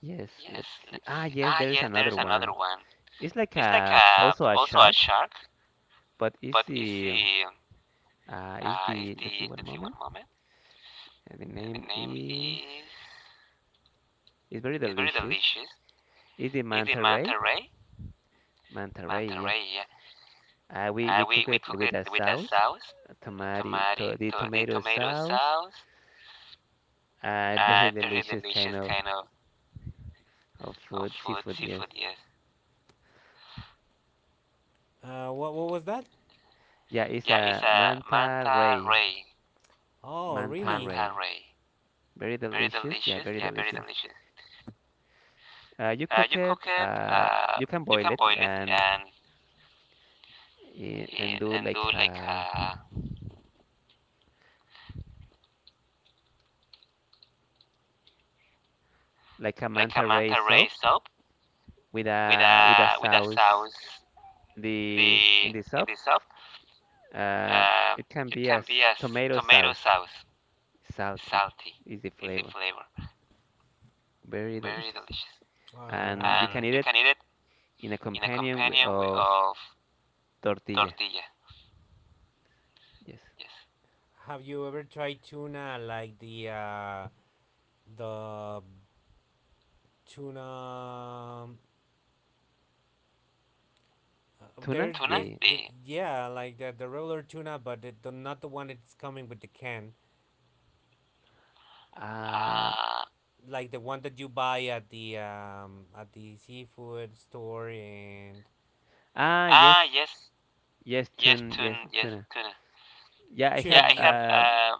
[SPEAKER 1] Yes,
[SPEAKER 2] Yes,
[SPEAKER 1] let's see.
[SPEAKER 2] let's
[SPEAKER 1] Ah,
[SPEAKER 2] see.
[SPEAKER 1] yes,
[SPEAKER 2] Ah,
[SPEAKER 1] there is
[SPEAKER 2] yes, there
[SPEAKER 1] another
[SPEAKER 2] is
[SPEAKER 1] one.
[SPEAKER 2] another one.
[SPEAKER 1] It's like
[SPEAKER 2] It's like
[SPEAKER 1] a,
[SPEAKER 2] a
[SPEAKER 1] also a
[SPEAKER 2] also a
[SPEAKER 1] shark,
[SPEAKER 2] shark.
[SPEAKER 1] but it's
[SPEAKER 2] But
[SPEAKER 1] the. Is
[SPEAKER 2] is
[SPEAKER 1] the, let's see,
[SPEAKER 2] the
[SPEAKER 1] one
[SPEAKER 2] let's see one
[SPEAKER 1] moment.
[SPEAKER 2] moment.
[SPEAKER 1] The
[SPEAKER 2] The
[SPEAKER 1] name
[SPEAKER 2] name
[SPEAKER 1] is,
[SPEAKER 2] is
[SPEAKER 1] it's very
[SPEAKER 2] is very
[SPEAKER 1] delicious.
[SPEAKER 2] delicious.
[SPEAKER 1] Is the
[SPEAKER 2] Is the
[SPEAKER 1] manta ray?
[SPEAKER 2] manta ray?
[SPEAKER 1] Manta ray,
[SPEAKER 2] Manta
[SPEAKER 1] yeah.
[SPEAKER 2] ray, yeah.
[SPEAKER 1] We we
[SPEAKER 2] We
[SPEAKER 1] cook
[SPEAKER 2] we
[SPEAKER 1] it
[SPEAKER 2] cook
[SPEAKER 1] with
[SPEAKER 2] it
[SPEAKER 1] a
[SPEAKER 2] with a
[SPEAKER 1] sauce,
[SPEAKER 2] sauce,
[SPEAKER 1] a tomato,
[SPEAKER 2] tomato
[SPEAKER 1] the
[SPEAKER 2] to, the
[SPEAKER 1] tomato
[SPEAKER 2] tomato
[SPEAKER 1] sauce.
[SPEAKER 2] sauce.
[SPEAKER 1] *laughs* Very
[SPEAKER 2] Very
[SPEAKER 1] delicious kind
[SPEAKER 2] delicious
[SPEAKER 1] of
[SPEAKER 2] kind of,
[SPEAKER 1] of
[SPEAKER 2] of
[SPEAKER 1] food,
[SPEAKER 2] food,
[SPEAKER 1] seafood, yes.
[SPEAKER 2] seafood. Yes. What was that?
[SPEAKER 1] Yeah, it's
[SPEAKER 2] Yeah. It's
[SPEAKER 1] a
[SPEAKER 2] a
[SPEAKER 1] manta
[SPEAKER 2] manta
[SPEAKER 1] ray,
[SPEAKER 2] ray. Oh, really?
[SPEAKER 1] manta
[SPEAKER 2] Manta
[SPEAKER 1] ray.
[SPEAKER 2] ray.
[SPEAKER 1] Very
[SPEAKER 2] Very
[SPEAKER 1] delicious, yeah,
[SPEAKER 2] delicious.
[SPEAKER 1] very
[SPEAKER 2] Yeah, very
[SPEAKER 1] delicious.
[SPEAKER 2] delicious.
[SPEAKER 1] You cook
[SPEAKER 2] You
[SPEAKER 1] it.
[SPEAKER 2] cook it.
[SPEAKER 1] You can
[SPEAKER 2] You
[SPEAKER 1] boil
[SPEAKER 2] can
[SPEAKER 1] it,
[SPEAKER 2] boil it and
[SPEAKER 1] and do
[SPEAKER 2] and
[SPEAKER 1] like
[SPEAKER 2] do like
[SPEAKER 1] a,
[SPEAKER 2] a like a
[SPEAKER 1] manta ray
[SPEAKER 2] manta ray
[SPEAKER 1] soup,
[SPEAKER 2] soap
[SPEAKER 1] with
[SPEAKER 2] with
[SPEAKER 1] a with a
[SPEAKER 2] a with a
[SPEAKER 1] sauce,
[SPEAKER 2] sauce
[SPEAKER 1] in the in
[SPEAKER 2] the
[SPEAKER 1] the
[SPEAKER 2] in
[SPEAKER 1] soup.
[SPEAKER 2] the soap.
[SPEAKER 1] Uh,
[SPEAKER 2] Uh,
[SPEAKER 1] it can
[SPEAKER 2] it
[SPEAKER 1] be
[SPEAKER 2] can
[SPEAKER 1] as
[SPEAKER 2] be as
[SPEAKER 1] tomato
[SPEAKER 2] tomato
[SPEAKER 1] sauce.
[SPEAKER 2] sauce,
[SPEAKER 1] Salty
[SPEAKER 2] salty
[SPEAKER 1] is the
[SPEAKER 2] is the
[SPEAKER 1] flavor.
[SPEAKER 2] flavor,
[SPEAKER 1] Very
[SPEAKER 2] very
[SPEAKER 1] delicious.
[SPEAKER 2] delicious. All right.
[SPEAKER 1] And you
[SPEAKER 2] And
[SPEAKER 1] can eat
[SPEAKER 2] you
[SPEAKER 1] it
[SPEAKER 2] can eat it
[SPEAKER 1] in a
[SPEAKER 2] in a
[SPEAKER 1] companion,
[SPEAKER 2] companion
[SPEAKER 1] of
[SPEAKER 2] of
[SPEAKER 1] tortilla.
[SPEAKER 2] tortilla.
[SPEAKER 1] Yes.
[SPEAKER 2] Yes. Have you ever tried tuna like the tuna?
[SPEAKER 1] Tuna?
[SPEAKER 2] There, tuna?
[SPEAKER 1] The
[SPEAKER 2] Yeah, like the regular tuna, but it, the, not the one that's coming with the can.
[SPEAKER 1] uh,
[SPEAKER 2] Ah, like the one that you buy at the seafood store and
[SPEAKER 1] ah
[SPEAKER 2] ah,
[SPEAKER 1] yes,
[SPEAKER 2] yes,
[SPEAKER 1] yes,
[SPEAKER 2] yes,
[SPEAKER 1] tuna, yes,
[SPEAKER 2] tuna, yes,
[SPEAKER 1] tuna.
[SPEAKER 2] tuna.
[SPEAKER 1] Yeah, I have,
[SPEAKER 2] Yeah, tuna. I have. Yeah.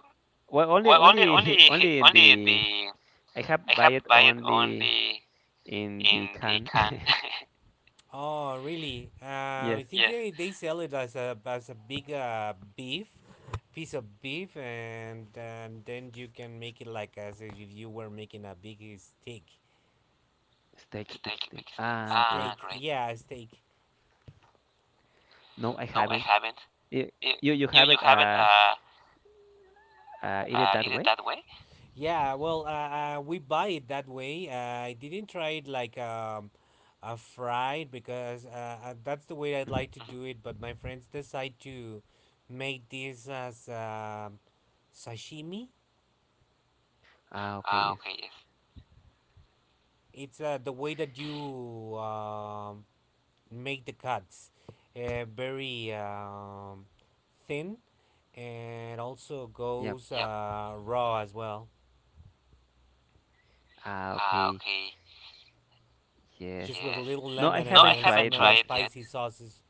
[SPEAKER 1] well, only
[SPEAKER 2] Well,
[SPEAKER 1] only *laughs* only
[SPEAKER 2] *laughs*
[SPEAKER 1] in
[SPEAKER 2] only
[SPEAKER 1] the
[SPEAKER 2] the.
[SPEAKER 1] I have
[SPEAKER 2] I
[SPEAKER 1] buy
[SPEAKER 2] have
[SPEAKER 1] it
[SPEAKER 2] buy it
[SPEAKER 1] only
[SPEAKER 2] only
[SPEAKER 1] in the
[SPEAKER 2] in the
[SPEAKER 1] can.
[SPEAKER 2] can.
[SPEAKER 1] *laughs*
[SPEAKER 2] *laughs* Oh, really?
[SPEAKER 1] Yes.
[SPEAKER 2] I think, yes, they sell it as a big beef piece of beef, and then you can make it like as if you were making a big steak.
[SPEAKER 1] Steak, big
[SPEAKER 2] Steak,
[SPEAKER 1] steak.
[SPEAKER 2] big steak.
[SPEAKER 1] Ah, great.
[SPEAKER 2] Ah, steak. Great. Yeah, steak.
[SPEAKER 1] No, I
[SPEAKER 2] No, I
[SPEAKER 1] haven't.
[SPEAKER 2] haven't.
[SPEAKER 1] Y- You
[SPEAKER 2] Y-
[SPEAKER 1] you
[SPEAKER 2] You
[SPEAKER 1] haven't,
[SPEAKER 2] you haven't
[SPEAKER 1] eat it that
[SPEAKER 2] eat
[SPEAKER 1] way?
[SPEAKER 2] it that way? Yeah, well, we buy it that way. I didn't try it like a fried because that's the way I'd
[SPEAKER 1] Mhm.
[SPEAKER 2] like to, mhm, do it. But my friends decide to make this as sashimi.
[SPEAKER 1] Ah, okay,
[SPEAKER 2] Ah,
[SPEAKER 1] yes.
[SPEAKER 2] okay, yes. It's the way that you, um, make the cuts, very, thin and also
[SPEAKER 1] Yep.
[SPEAKER 2] goes, yep, raw as well,
[SPEAKER 1] Ah,
[SPEAKER 2] ah,
[SPEAKER 1] okay.
[SPEAKER 2] okay,
[SPEAKER 1] Yes.
[SPEAKER 2] just with a, yes, little
[SPEAKER 1] No, I
[SPEAKER 2] lemon and, no, I
[SPEAKER 1] haven't
[SPEAKER 2] and haven't
[SPEAKER 1] tried
[SPEAKER 2] some
[SPEAKER 1] it
[SPEAKER 2] tried
[SPEAKER 1] yet.
[SPEAKER 2] yet. Spicy sauces.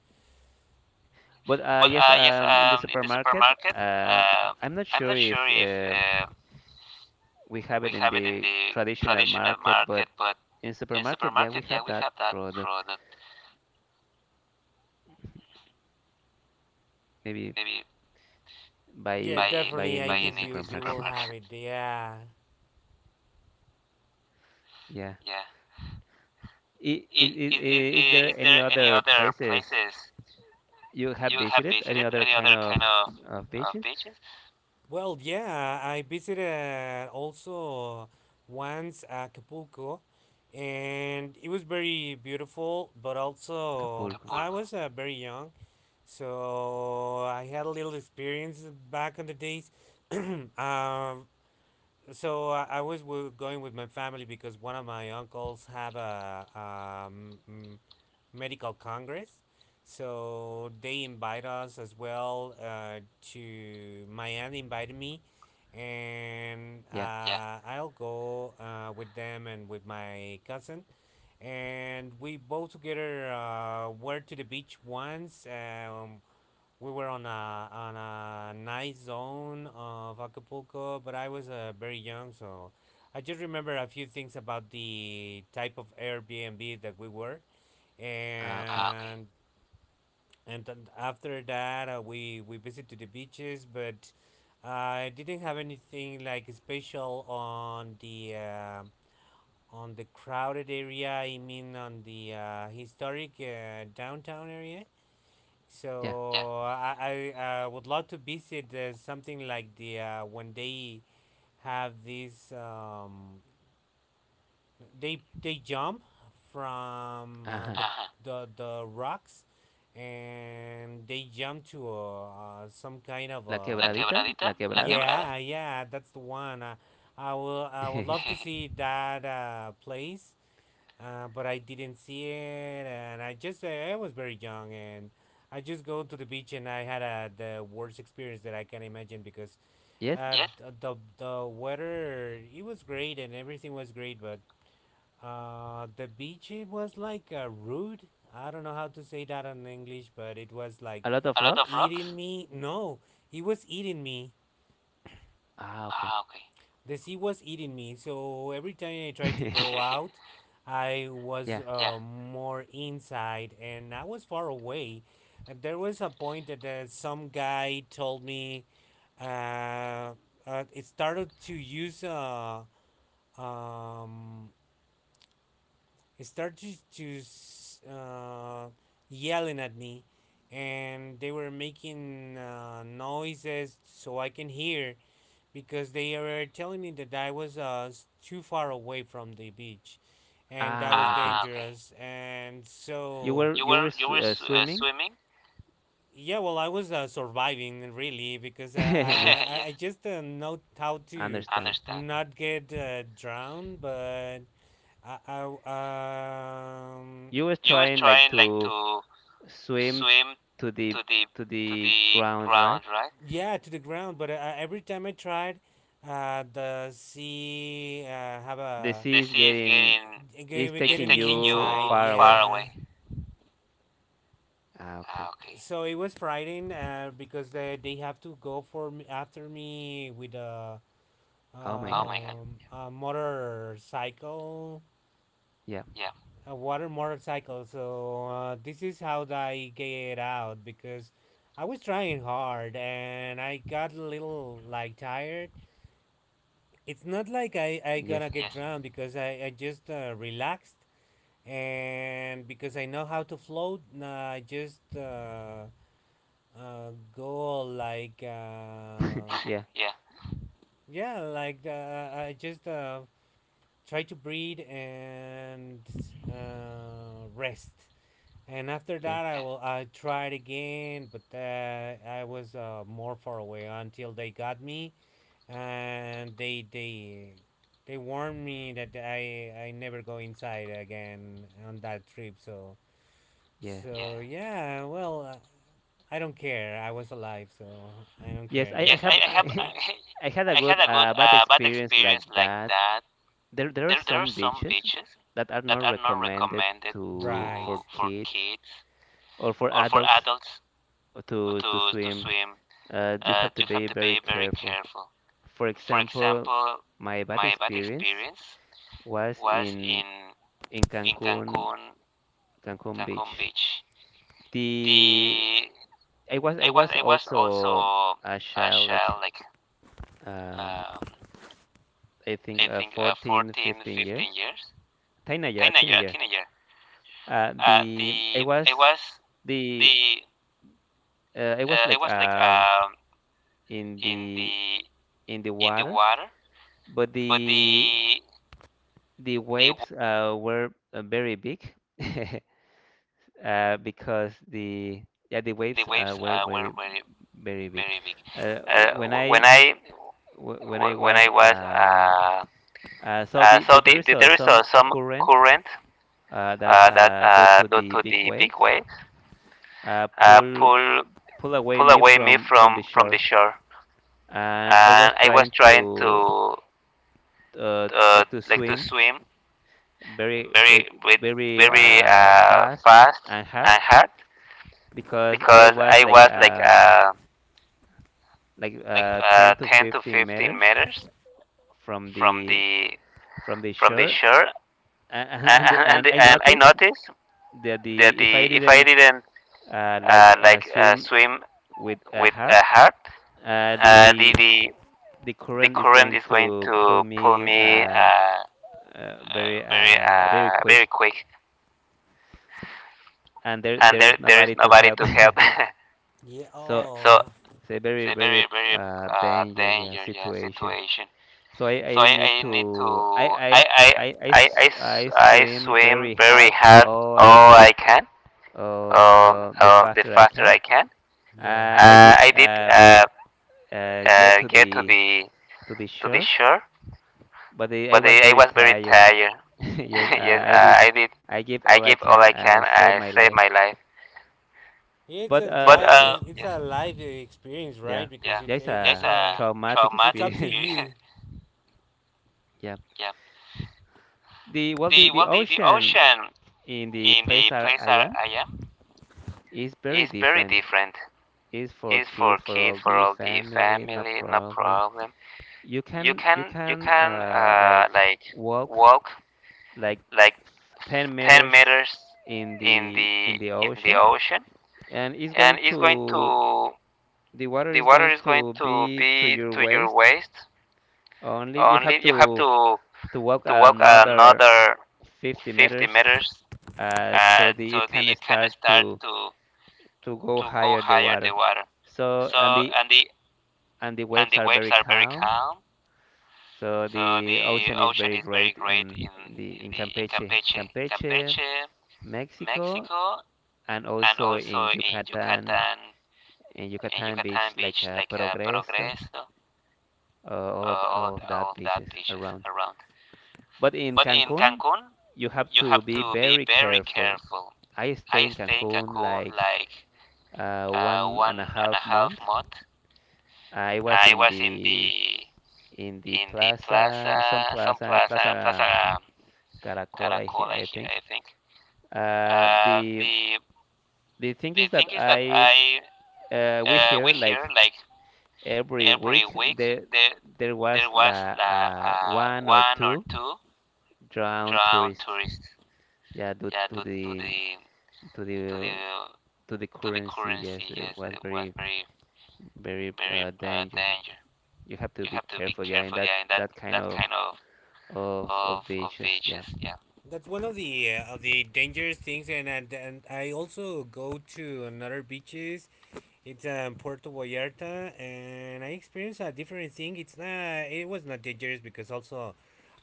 [SPEAKER 1] But,
[SPEAKER 2] But
[SPEAKER 1] yes,
[SPEAKER 2] yes,
[SPEAKER 1] in the
[SPEAKER 2] in the
[SPEAKER 1] supermarket,
[SPEAKER 2] supermarket,
[SPEAKER 1] uh,
[SPEAKER 2] uh,
[SPEAKER 1] I'm not
[SPEAKER 2] I'm
[SPEAKER 1] sure
[SPEAKER 2] not
[SPEAKER 1] if,
[SPEAKER 2] sure if
[SPEAKER 1] we have
[SPEAKER 2] we
[SPEAKER 1] it in
[SPEAKER 2] have it in
[SPEAKER 1] the
[SPEAKER 2] the
[SPEAKER 1] traditional
[SPEAKER 2] traditional
[SPEAKER 1] market, but
[SPEAKER 2] market, but
[SPEAKER 1] in
[SPEAKER 2] in
[SPEAKER 1] supermarket, yeah, we
[SPEAKER 2] supermarket, yeah,
[SPEAKER 1] have
[SPEAKER 2] we
[SPEAKER 1] that
[SPEAKER 2] have that
[SPEAKER 1] product.
[SPEAKER 2] product.
[SPEAKER 1] Maybe,
[SPEAKER 2] Maybe yeah,
[SPEAKER 1] buy
[SPEAKER 2] buying definitely.
[SPEAKER 1] buying
[SPEAKER 2] I
[SPEAKER 1] in the
[SPEAKER 2] buying think in you the you will
[SPEAKER 1] supermarket.
[SPEAKER 2] have supermarket. It. *laughs* Yeah.
[SPEAKER 1] *laughs* Yeah.
[SPEAKER 2] Yeah.
[SPEAKER 1] Is there
[SPEAKER 2] Is
[SPEAKER 1] any
[SPEAKER 2] there any
[SPEAKER 1] other
[SPEAKER 2] other
[SPEAKER 1] places
[SPEAKER 2] places
[SPEAKER 1] you have
[SPEAKER 2] you have
[SPEAKER 1] visited? Any
[SPEAKER 2] visited?
[SPEAKER 1] other
[SPEAKER 2] Any
[SPEAKER 1] kind
[SPEAKER 2] other
[SPEAKER 1] of
[SPEAKER 2] kind
[SPEAKER 1] of
[SPEAKER 2] of
[SPEAKER 1] beaches?
[SPEAKER 2] beaches? Well, yeah, I visited also once Acapulco, and it was very beautiful, but also
[SPEAKER 1] Acapulco.
[SPEAKER 2] I was very young, so I had a little experience back in the days. *clears throat* um, so I was going with my family because one of my uncles have a, um, medical congress. So they invite us as well to my aunt invited me, and
[SPEAKER 1] Yeah.
[SPEAKER 2] yeah, I'll go with them and with my cousin. And we both together were to the beach once. We were on a nice zone of Acapulco, but I was very young, so I just remember a few things about the type of Airbnb that we were
[SPEAKER 1] Ah,
[SPEAKER 2] and,
[SPEAKER 1] okay.
[SPEAKER 2] ah, okay, and then after that we visited the beaches but I didn't have anything like special on the crowded area. I mean on the historic downtown area. Yeah. So
[SPEAKER 1] Ya.
[SPEAKER 2] I would love to visit something like the, when they have this, they jump from the,
[SPEAKER 1] Ajá.
[SPEAKER 2] uh-huh, the rocks and they jump to some kind of
[SPEAKER 1] La
[SPEAKER 2] la a
[SPEAKER 1] quebradita,
[SPEAKER 2] quebradita,
[SPEAKER 1] la
[SPEAKER 2] la
[SPEAKER 1] quebrada.
[SPEAKER 2] quebrada. Yeah, yeah, that's the one. I would love to
[SPEAKER 1] *laughs*
[SPEAKER 2] *laughs* see that place. But I didn't see it, and I just I was very young, and I just go to the beach, and I had the worst experience that I can imagine because,
[SPEAKER 1] Yes.
[SPEAKER 2] yeah, the weather it was great and everything was great, but the beach it was like rude. I don't know how to say that in English, but it was like,
[SPEAKER 1] A lot of
[SPEAKER 2] a lot of
[SPEAKER 1] rocks.
[SPEAKER 2] rocks? Eating me. No, it was eating me.
[SPEAKER 1] Ah, okay.
[SPEAKER 2] Ah, okay. The sea was eating me. So every time I tried to go *laughs*
[SPEAKER 1] *laughs*
[SPEAKER 2] out, I was,
[SPEAKER 1] Yeah.
[SPEAKER 2] yeah, more inside and I was far away. And there was a point that some guy told me, uh, it started to use, um, he started to, uh, yelling at me, and they were making noises so I can hear because they were telling me that I was too far away from the beach, and that was,
[SPEAKER 1] Ah,
[SPEAKER 2] ah,
[SPEAKER 1] okay.
[SPEAKER 2] okay, dangerous. And
[SPEAKER 1] You
[SPEAKER 2] so,
[SPEAKER 1] were you were swimming?
[SPEAKER 2] Swimming? *laughs* Yeah, well, I was surviving really because *laughs* I
[SPEAKER 1] *laughs* Yes,
[SPEAKER 2] Yeah, I just know how to
[SPEAKER 1] understand.
[SPEAKER 2] understand. Not get drowned, but. I
[SPEAKER 1] You were
[SPEAKER 2] You was
[SPEAKER 1] trying like
[SPEAKER 2] trying like
[SPEAKER 1] to
[SPEAKER 2] to
[SPEAKER 1] swim,
[SPEAKER 2] swim
[SPEAKER 1] to the,
[SPEAKER 2] to the to the
[SPEAKER 1] ground, right?
[SPEAKER 2] ground, right? Yeah, to the ground, but every time I tried, the sea have
[SPEAKER 1] The
[SPEAKER 2] a.
[SPEAKER 1] sea
[SPEAKER 2] The
[SPEAKER 1] is
[SPEAKER 2] sea is
[SPEAKER 1] getting, is
[SPEAKER 2] getting
[SPEAKER 1] taking
[SPEAKER 2] me taking you
[SPEAKER 1] you far
[SPEAKER 2] inside. Far, yeah,
[SPEAKER 1] away.
[SPEAKER 2] away.
[SPEAKER 1] Ah, okay.
[SPEAKER 2] Ah, okay. So it was frightening because they have to go for me, after me with a,
[SPEAKER 1] Oh my
[SPEAKER 2] oh
[SPEAKER 1] God.
[SPEAKER 2] my God, a motorcycle,
[SPEAKER 1] Yeah.
[SPEAKER 2] yeah, a water motorcycle. So this is how I get out because I was trying hard and I got a little like tired. It's not like I
[SPEAKER 1] Yes.
[SPEAKER 2] gonna get, yes, drowned because I just relaxed and because I know how to float. I just go like.
[SPEAKER 1] Yeah.
[SPEAKER 2] *laughs* Yeah. Yeah, like I just try to breathe and rest. And after
[SPEAKER 1] Yes.
[SPEAKER 2] that, I tried again, but I was more far away until they got me, and they warned me that I never go inside again on that trip. So
[SPEAKER 1] Yeah.
[SPEAKER 2] so yeah. Yeah, well, I don't care. I was alive, so I don't
[SPEAKER 1] Yes,
[SPEAKER 2] care,
[SPEAKER 1] I
[SPEAKER 2] yes, I,
[SPEAKER 1] have. *laughs*
[SPEAKER 2] I have. *laughs* anymore. *laughs*
[SPEAKER 1] I had a
[SPEAKER 2] I had
[SPEAKER 1] good,
[SPEAKER 2] a good
[SPEAKER 1] bad
[SPEAKER 2] bad
[SPEAKER 1] experience like
[SPEAKER 2] experience like
[SPEAKER 1] that.
[SPEAKER 2] that.
[SPEAKER 1] There are
[SPEAKER 2] There are
[SPEAKER 1] some
[SPEAKER 2] some
[SPEAKER 1] beaches
[SPEAKER 2] beaches
[SPEAKER 1] that are
[SPEAKER 2] that
[SPEAKER 1] not
[SPEAKER 2] are not
[SPEAKER 1] recommended,
[SPEAKER 2] recommended to,
[SPEAKER 1] to
[SPEAKER 2] right.
[SPEAKER 1] for
[SPEAKER 2] For
[SPEAKER 1] kids
[SPEAKER 2] kids
[SPEAKER 1] or for
[SPEAKER 2] or for
[SPEAKER 1] adults
[SPEAKER 2] adults
[SPEAKER 1] to
[SPEAKER 2] to
[SPEAKER 1] swim.
[SPEAKER 2] swim,
[SPEAKER 1] You have to
[SPEAKER 2] you have
[SPEAKER 1] be
[SPEAKER 2] to
[SPEAKER 1] very
[SPEAKER 2] be very
[SPEAKER 1] careful.
[SPEAKER 2] careful.
[SPEAKER 1] For
[SPEAKER 2] For
[SPEAKER 1] example,
[SPEAKER 2] example,
[SPEAKER 1] my bad
[SPEAKER 2] my bad
[SPEAKER 1] experience
[SPEAKER 2] experience
[SPEAKER 1] was
[SPEAKER 2] was
[SPEAKER 1] in
[SPEAKER 2] in
[SPEAKER 1] in
[SPEAKER 2] in
[SPEAKER 1] Cancun,
[SPEAKER 2] Cancun,
[SPEAKER 1] Cancun
[SPEAKER 2] Cancun
[SPEAKER 1] Beach.
[SPEAKER 2] Beach.
[SPEAKER 1] The
[SPEAKER 2] The
[SPEAKER 1] I was I was
[SPEAKER 2] I was
[SPEAKER 1] also
[SPEAKER 2] also
[SPEAKER 1] a
[SPEAKER 2] a
[SPEAKER 1] child, like,
[SPEAKER 2] child, like,
[SPEAKER 1] um,
[SPEAKER 2] um,
[SPEAKER 1] I think,
[SPEAKER 2] I think
[SPEAKER 1] 14,
[SPEAKER 2] 14,
[SPEAKER 1] 15
[SPEAKER 2] 15
[SPEAKER 1] years,
[SPEAKER 2] years,
[SPEAKER 1] teenager, a
[SPEAKER 2] teenager,
[SPEAKER 1] teenager.
[SPEAKER 2] teenager.
[SPEAKER 1] Uh,
[SPEAKER 2] Uh,
[SPEAKER 1] the I
[SPEAKER 2] the
[SPEAKER 1] was
[SPEAKER 2] I was
[SPEAKER 1] the
[SPEAKER 2] the
[SPEAKER 1] I was
[SPEAKER 2] I
[SPEAKER 1] like,
[SPEAKER 2] was like,
[SPEAKER 1] in
[SPEAKER 2] in
[SPEAKER 1] the
[SPEAKER 2] the
[SPEAKER 1] in the
[SPEAKER 2] in the
[SPEAKER 1] water,
[SPEAKER 2] water,
[SPEAKER 1] but
[SPEAKER 2] but
[SPEAKER 1] the the
[SPEAKER 2] the
[SPEAKER 1] waves, were, very big. *laughs* Because the Yeah, the
[SPEAKER 2] the
[SPEAKER 1] waves,
[SPEAKER 2] waves
[SPEAKER 1] were
[SPEAKER 2] were
[SPEAKER 1] very,
[SPEAKER 2] very
[SPEAKER 1] very big.
[SPEAKER 2] very big.
[SPEAKER 1] Uh, wh-
[SPEAKER 2] Uh,
[SPEAKER 1] when
[SPEAKER 2] wh-
[SPEAKER 1] I
[SPEAKER 2] when I
[SPEAKER 1] when I
[SPEAKER 2] when
[SPEAKER 1] was,
[SPEAKER 2] I was so
[SPEAKER 1] there
[SPEAKER 2] the,
[SPEAKER 1] is,
[SPEAKER 2] the, there is
[SPEAKER 1] some
[SPEAKER 2] some
[SPEAKER 1] current,
[SPEAKER 2] current
[SPEAKER 1] that,
[SPEAKER 2] that
[SPEAKER 1] due to
[SPEAKER 2] due
[SPEAKER 1] the
[SPEAKER 2] to
[SPEAKER 1] big
[SPEAKER 2] the big
[SPEAKER 1] waves,
[SPEAKER 2] waves
[SPEAKER 1] uh, pull
[SPEAKER 2] pull
[SPEAKER 1] pull away me,
[SPEAKER 2] away me
[SPEAKER 1] from the
[SPEAKER 2] from the
[SPEAKER 1] shore,
[SPEAKER 2] shore,
[SPEAKER 1] and I
[SPEAKER 2] and
[SPEAKER 1] was
[SPEAKER 2] I was
[SPEAKER 1] trying
[SPEAKER 2] trying
[SPEAKER 1] to,
[SPEAKER 2] to
[SPEAKER 1] like to
[SPEAKER 2] like to
[SPEAKER 1] swim,
[SPEAKER 2] swim
[SPEAKER 1] very with,
[SPEAKER 2] very with
[SPEAKER 1] very
[SPEAKER 2] very
[SPEAKER 1] fast
[SPEAKER 2] fast
[SPEAKER 1] and hard,
[SPEAKER 2] and hard,
[SPEAKER 1] because I
[SPEAKER 2] because
[SPEAKER 1] was
[SPEAKER 2] I
[SPEAKER 1] like,
[SPEAKER 2] was like uh, like
[SPEAKER 1] 10
[SPEAKER 2] uh,
[SPEAKER 1] to
[SPEAKER 2] 10 to
[SPEAKER 1] 15
[SPEAKER 2] 15
[SPEAKER 1] meters
[SPEAKER 2] meters
[SPEAKER 1] from
[SPEAKER 2] from
[SPEAKER 1] the
[SPEAKER 2] the
[SPEAKER 1] from the
[SPEAKER 2] from the
[SPEAKER 1] shore,
[SPEAKER 2] shore,
[SPEAKER 1] and *laughs*
[SPEAKER 2] *laughs* and, and
[SPEAKER 1] and I
[SPEAKER 2] the, and I
[SPEAKER 1] noticed
[SPEAKER 2] noticed
[SPEAKER 1] that,
[SPEAKER 2] the,
[SPEAKER 1] the if I
[SPEAKER 2] the if I
[SPEAKER 1] didn't,
[SPEAKER 2] didn't like
[SPEAKER 1] swim
[SPEAKER 2] swim
[SPEAKER 1] with,
[SPEAKER 2] with
[SPEAKER 1] hard,
[SPEAKER 2] a heart.
[SPEAKER 1] uh, the
[SPEAKER 2] uh, the
[SPEAKER 1] the
[SPEAKER 2] the
[SPEAKER 1] the
[SPEAKER 2] the
[SPEAKER 1] current is
[SPEAKER 2] current
[SPEAKER 1] going
[SPEAKER 2] is going
[SPEAKER 1] to pull
[SPEAKER 2] to pull
[SPEAKER 1] me,
[SPEAKER 2] me
[SPEAKER 1] very, very
[SPEAKER 2] very
[SPEAKER 1] quick,
[SPEAKER 2] quick,
[SPEAKER 1] and there
[SPEAKER 2] and
[SPEAKER 1] there is
[SPEAKER 2] there is
[SPEAKER 1] nobody to
[SPEAKER 2] nobody
[SPEAKER 1] help.
[SPEAKER 2] to
[SPEAKER 1] *laughs*
[SPEAKER 2] help. *laughs* Yeah.
[SPEAKER 1] So
[SPEAKER 2] Oh, so
[SPEAKER 1] it's a
[SPEAKER 2] it's
[SPEAKER 1] very,
[SPEAKER 2] a
[SPEAKER 1] very,
[SPEAKER 2] very, very
[SPEAKER 1] danger, yeah,
[SPEAKER 2] danger, yeah,
[SPEAKER 1] situation.
[SPEAKER 2] situation.
[SPEAKER 1] So, I,
[SPEAKER 2] So
[SPEAKER 1] I need
[SPEAKER 2] I need to
[SPEAKER 1] to,
[SPEAKER 2] I I I I
[SPEAKER 1] I
[SPEAKER 2] I
[SPEAKER 1] swim
[SPEAKER 2] swim
[SPEAKER 1] very
[SPEAKER 2] very
[SPEAKER 1] hard,
[SPEAKER 2] hard
[SPEAKER 1] all I
[SPEAKER 2] all I
[SPEAKER 1] can,
[SPEAKER 2] can,
[SPEAKER 1] uh,
[SPEAKER 2] or,
[SPEAKER 1] the
[SPEAKER 2] or the
[SPEAKER 1] faster I
[SPEAKER 2] faster
[SPEAKER 1] can.
[SPEAKER 2] I can. Yeah.
[SPEAKER 1] I did,
[SPEAKER 2] I did
[SPEAKER 1] get to
[SPEAKER 2] get
[SPEAKER 1] the to the
[SPEAKER 2] to the
[SPEAKER 1] shore,
[SPEAKER 2] shore,
[SPEAKER 1] but I
[SPEAKER 2] but
[SPEAKER 1] was
[SPEAKER 2] I
[SPEAKER 1] very
[SPEAKER 2] was very
[SPEAKER 1] tired.
[SPEAKER 2] tired.
[SPEAKER 1] *laughs*
[SPEAKER 2] *laughs*
[SPEAKER 1] Yes,
[SPEAKER 2] Yes,
[SPEAKER 1] I did.
[SPEAKER 2] I did.
[SPEAKER 1] I give
[SPEAKER 2] I
[SPEAKER 1] all
[SPEAKER 2] gave
[SPEAKER 1] I
[SPEAKER 2] all I
[SPEAKER 1] can.
[SPEAKER 2] can.
[SPEAKER 1] I
[SPEAKER 2] I
[SPEAKER 1] saved my
[SPEAKER 2] saved my
[SPEAKER 1] life.
[SPEAKER 2] life. Yeah, it's
[SPEAKER 1] But,
[SPEAKER 2] a but life.
[SPEAKER 1] yes,
[SPEAKER 2] It's, yeah, a life experience, right?
[SPEAKER 1] yeah,
[SPEAKER 2] Because,
[SPEAKER 1] yeah, it's
[SPEAKER 2] yeah, it's
[SPEAKER 1] a
[SPEAKER 2] a it's
[SPEAKER 1] traumatic
[SPEAKER 2] traumatic up to
[SPEAKER 1] experience.
[SPEAKER 2] experience. You. *laughs*
[SPEAKER 1] *laughs*
[SPEAKER 2] Yeah,
[SPEAKER 1] The well,
[SPEAKER 2] the
[SPEAKER 1] the
[SPEAKER 2] well,
[SPEAKER 1] the
[SPEAKER 2] the
[SPEAKER 1] ocean
[SPEAKER 2] ocean
[SPEAKER 1] in the
[SPEAKER 2] in the
[SPEAKER 1] place I,
[SPEAKER 2] place
[SPEAKER 1] I
[SPEAKER 2] where
[SPEAKER 1] am
[SPEAKER 2] I am
[SPEAKER 1] is
[SPEAKER 2] is
[SPEAKER 1] very
[SPEAKER 2] very
[SPEAKER 1] different.
[SPEAKER 2] different.
[SPEAKER 1] It's for
[SPEAKER 2] It's for
[SPEAKER 1] kids, for
[SPEAKER 2] kids,
[SPEAKER 1] all
[SPEAKER 2] for
[SPEAKER 1] the
[SPEAKER 2] all the
[SPEAKER 1] family, no
[SPEAKER 2] family, no
[SPEAKER 1] problem.
[SPEAKER 2] problem.
[SPEAKER 1] You can you
[SPEAKER 2] You
[SPEAKER 1] can
[SPEAKER 2] can
[SPEAKER 1] like
[SPEAKER 2] like
[SPEAKER 1] walk,
[SPEAKER 2] walk
[SPEAKER 1] like
[SPEAKER 2] like
[SPEAKER 1] 10
[SPEAKER 2] 10
[SPEAKER 1] meters
[SPEAKER 2] meters
[SPEAKER 1] in the in the
[SPEAKER 2] in the
[SPEAKER 1] ocean,
[SPEAKER 2] ocean,
[SPEAKER 1] and it's
[SPEAKER 2] and
[SPEAKER 1] going
[SPEAKER 2] it's going
[SPEAKER 1] to
[SPEAKER 2] to
[SPEAKER 1] the water
[SPEAKER 2] the
[SPEAKER 1] is
[SPEAKER 2] water
[SPEAKER 1] going
[SPEAKER 2] is going
[SPEAKER 1] to
[SPEAKER 2] to
[SPEAKER 1] be to
[SPEAKER 2] be
[SPEAKER 1] your
[SPEAKER 2] to your
[SPEAKER 1] waist.
[SPEAKER 2] waist.
[SPEAKER 1] Only you
[SPEAKER 2] Only
[SPEAKER 1] have
[SPEAKER 2] you have
[SPEAKER 1] to, walk
[SPEAKER 2] to walk
[SPEAKER 1] another
[SPEAKER 2] another
[SPEAKER 1] 50
[SPEAKER 2] 50
[SPEAKER 1] meters,
[SPEAKER 2] meters.
[SPEAKER 1] so, the it
[SPEAKER 2] So
[SPEAKER 1] can
[SPEAKER 2] it can
[SPEAKER 1] start
[SPEAKER 2] start
[SPEAKER 1] to, go
[SPEAKER 2] to go
[SPEAKER 1] higher the
[SPEAKER 2] higher the
[SPEAKER 1] water.
[SPEAKER 2] water.
[SPEAKER 1] So,
[SPEAKER 2] So, and the
[SPEAKER 1] and the
[SPEAKER 2] and
[SPEAKER 1] waves
[SPEAKER 2] the
[SPEAKER 1] are
[SPEAKER 2] waves
[SPEAKER 1] very
[SPEAKER 2] are very
[SPEAKER 1] calm.
[SPEAKER 2] calm.
[SPEAKER 1] So
[SPEAKER 2] So
[SPEAKER 1] the
[SPEAKER 2] the
[SPEAKER 1] ocean is
[SPEAKER 2] ocean
[SPEAKER 1] very
[SPEAKER 2] is very
[SPEAKER 1] great,
[SPEAKER 2] great in
[SPEAKER 1] in
[SPEAKER 2] in
[SPEAKER 1] Campeche,
[SPEAKER 2] Campeche,
[SPEAKER 1] Campeche,
[SPEAKER 2] campeche
[SPEAKER 1] Mexico,
[SPEAKER 2] Mexico,
[SPEAKER 1] and
[SPEAKER 2] and
[SPEAKER 1] also
[SPEAKER 2] also in Yucatan,
[SPEAKER 1] In
[SPEAKER 2] in
[SPEAKER 1] Yucatan
[SPEAKER 2] Yucatan
[SPEAKER 1] beach, like,
[SPEAKER 2] Beach, like
[SPEAKER 1] Progreso,
[SPEAKER 2] Progreso,
[SPEAKER 1] all of that
[SPEAKER 2] all of that
[SPEAKER 1] beaches
[SPEAKER 2] beaches
[SPEAKER 1] around.
[SPEAKER 2] around.
[SPEAKER 1] But in
[SPEAKER 2] But in
[SPEAKER 1] Cancun,
[SPEAKER 2] Cancun,
[SPEAKER 1] you have
[SPEAKER 2] you
[SPEAKER 1] to
[SPEAKER 2] have
[SPEAKER 1] be
[SPEAKER 2] to be
[SPEAKER 1] very
[SPEAKER 2] very
[SPEAKER 1] careful.
[SPEAKER 2] careful.
[SPEAKER 1] I stay
[SPEAKER 2] I
[SPEAKER 1] in
[SPEAKER 2] stayed in
[SPEAKER 1] Cancun
[SPEAKER 2] Cancun
[SPEAKER 1] like,
[SPEAKER 2] like
[SPEAKER 1] one and a
[SPEAKER 2] one and a
[SPEAKER 1] half
[SPEAKER 2] half
[SPEAKER 1] month.
[SPEAKER 2] month.
[SPEAKER 1] I
[SPEAKER 2] I
[SPEAKER 1] was
[SPEAKER 2] was
[SPEAKER 1] in the in
[SPEAKER 2] in
[SPEAKER 1] the
[SPEAKER 2] the plaza,
[SPEAKER 1] plaza,
[SPEAKER 2] some
[SPEAKER 1] some
[SPEAKER 2] plaza,
[SPEAKER 1] plaza,
[SPEAKER 2] Plaza
[SPEAKER 1] Plaza
[SPEAKER 2] Caracol,
[SPEAKER 1] Caracol, I
[SPEAKER 2] I think.
[SPEAKER 1] think.
[SPEAKER 2] Uh,
[SPEAKER 1] Uh, the
[SPEAKER 2] the
[SPEAKER 1] the
[SPEAKER 2] the
[SPEAKER 1] thing
[SPEAKER 2] thing
[SPEAKER 1] is
[SPEAKER 2] is
[SPEAKER 1] that,
[SPEAKER 2] that I
[SPEAKER 1] I we
[SPEAKER 2] we
[SPEAKER 1] hear,
[SPEAKER 2] hear like
[SPEAKER 1] like every
[SPEAKER 2] every week
[SPEAKER 1] week there
[SPEAKER 2] there
[SPEAKER 1] there
[SPEAKER 2] there
[SPEAKER 1] was,
[SPEAKER 2] was
[SPEAKER 1] one
[SPEAKER 2] one
[SPEAKER 1] or
[SPEAKER 2] or
[SPEAKER 1] two
[SPEAKER 2] two
[SPEAKER 1] drowned
[SPEAKER 2] drown
[SPEAKER 1] tourists.
[SPEAKER 2] tourists.
[SPEAKER 1] Yeah,
[SPEAKER 2] Yeah,
[SPEAKER 1] due
[SPEAKER 2] to
[SPEAKER 1] to
[SPEAKER 2] to the
[SPEAKER 1] to
[SPEAKER 2] to
[SPEAKER 1] the
[SPEAKER 2] the
[SPEAKER 1] to
[SPEAKER 2] to
[SPEAKER 1] the
[SPEAKER 2] the
[SPEAKER 1] currency.
[SPEAKER 2] currency.
[SPEAKER 1] Yes,
[SPEAKER 2] Yes, it
[SPEAKER 1] it was
[SPEAKER 2] was
[SPEAKER 1] very,
[SPEAKER 2] very,
[SPEAKER 1] very,
[SPEAKER 2] very
[SPEAKER 1] danger.
[SPEAKER 2] danger.
[SPEAKER 1] You
[SPEAKER 2] You
[SPEAKER 1] have
[SPEAKER 2] have
[SPEAKER 1] to
[SPEAKER 2] to
[SPEAKER 1] be
[SPEAKER 2] be
[SPEAKER 1] careful.
[SPEAKER 2] careful.
[SPEAKER 1] Yeah, in
[SPEAKER 2] Yeah, in
[SPEAKER 1] that that
[SPEAKER 2] that
[SPEAKER 1] kind
[SPEAKER 2] kind
[SPEAKER 1] of
[SPEAKER 2] of
[SPEAKER 1] of
[SPEAKER 2] of
[SPEAKER 1] of
[SPEAKER 2] of
[SPEAKER 1] beaches.
[SPEAKER 2] beaches.
[SPEAKER 1] Yeah.
[SPEAKER 2] Yeah. That's one of the dangerous things, and I also go to another beaches. It's Puerto Vallarta, and I experienced a different thing. It's not. It was not dangerous because also,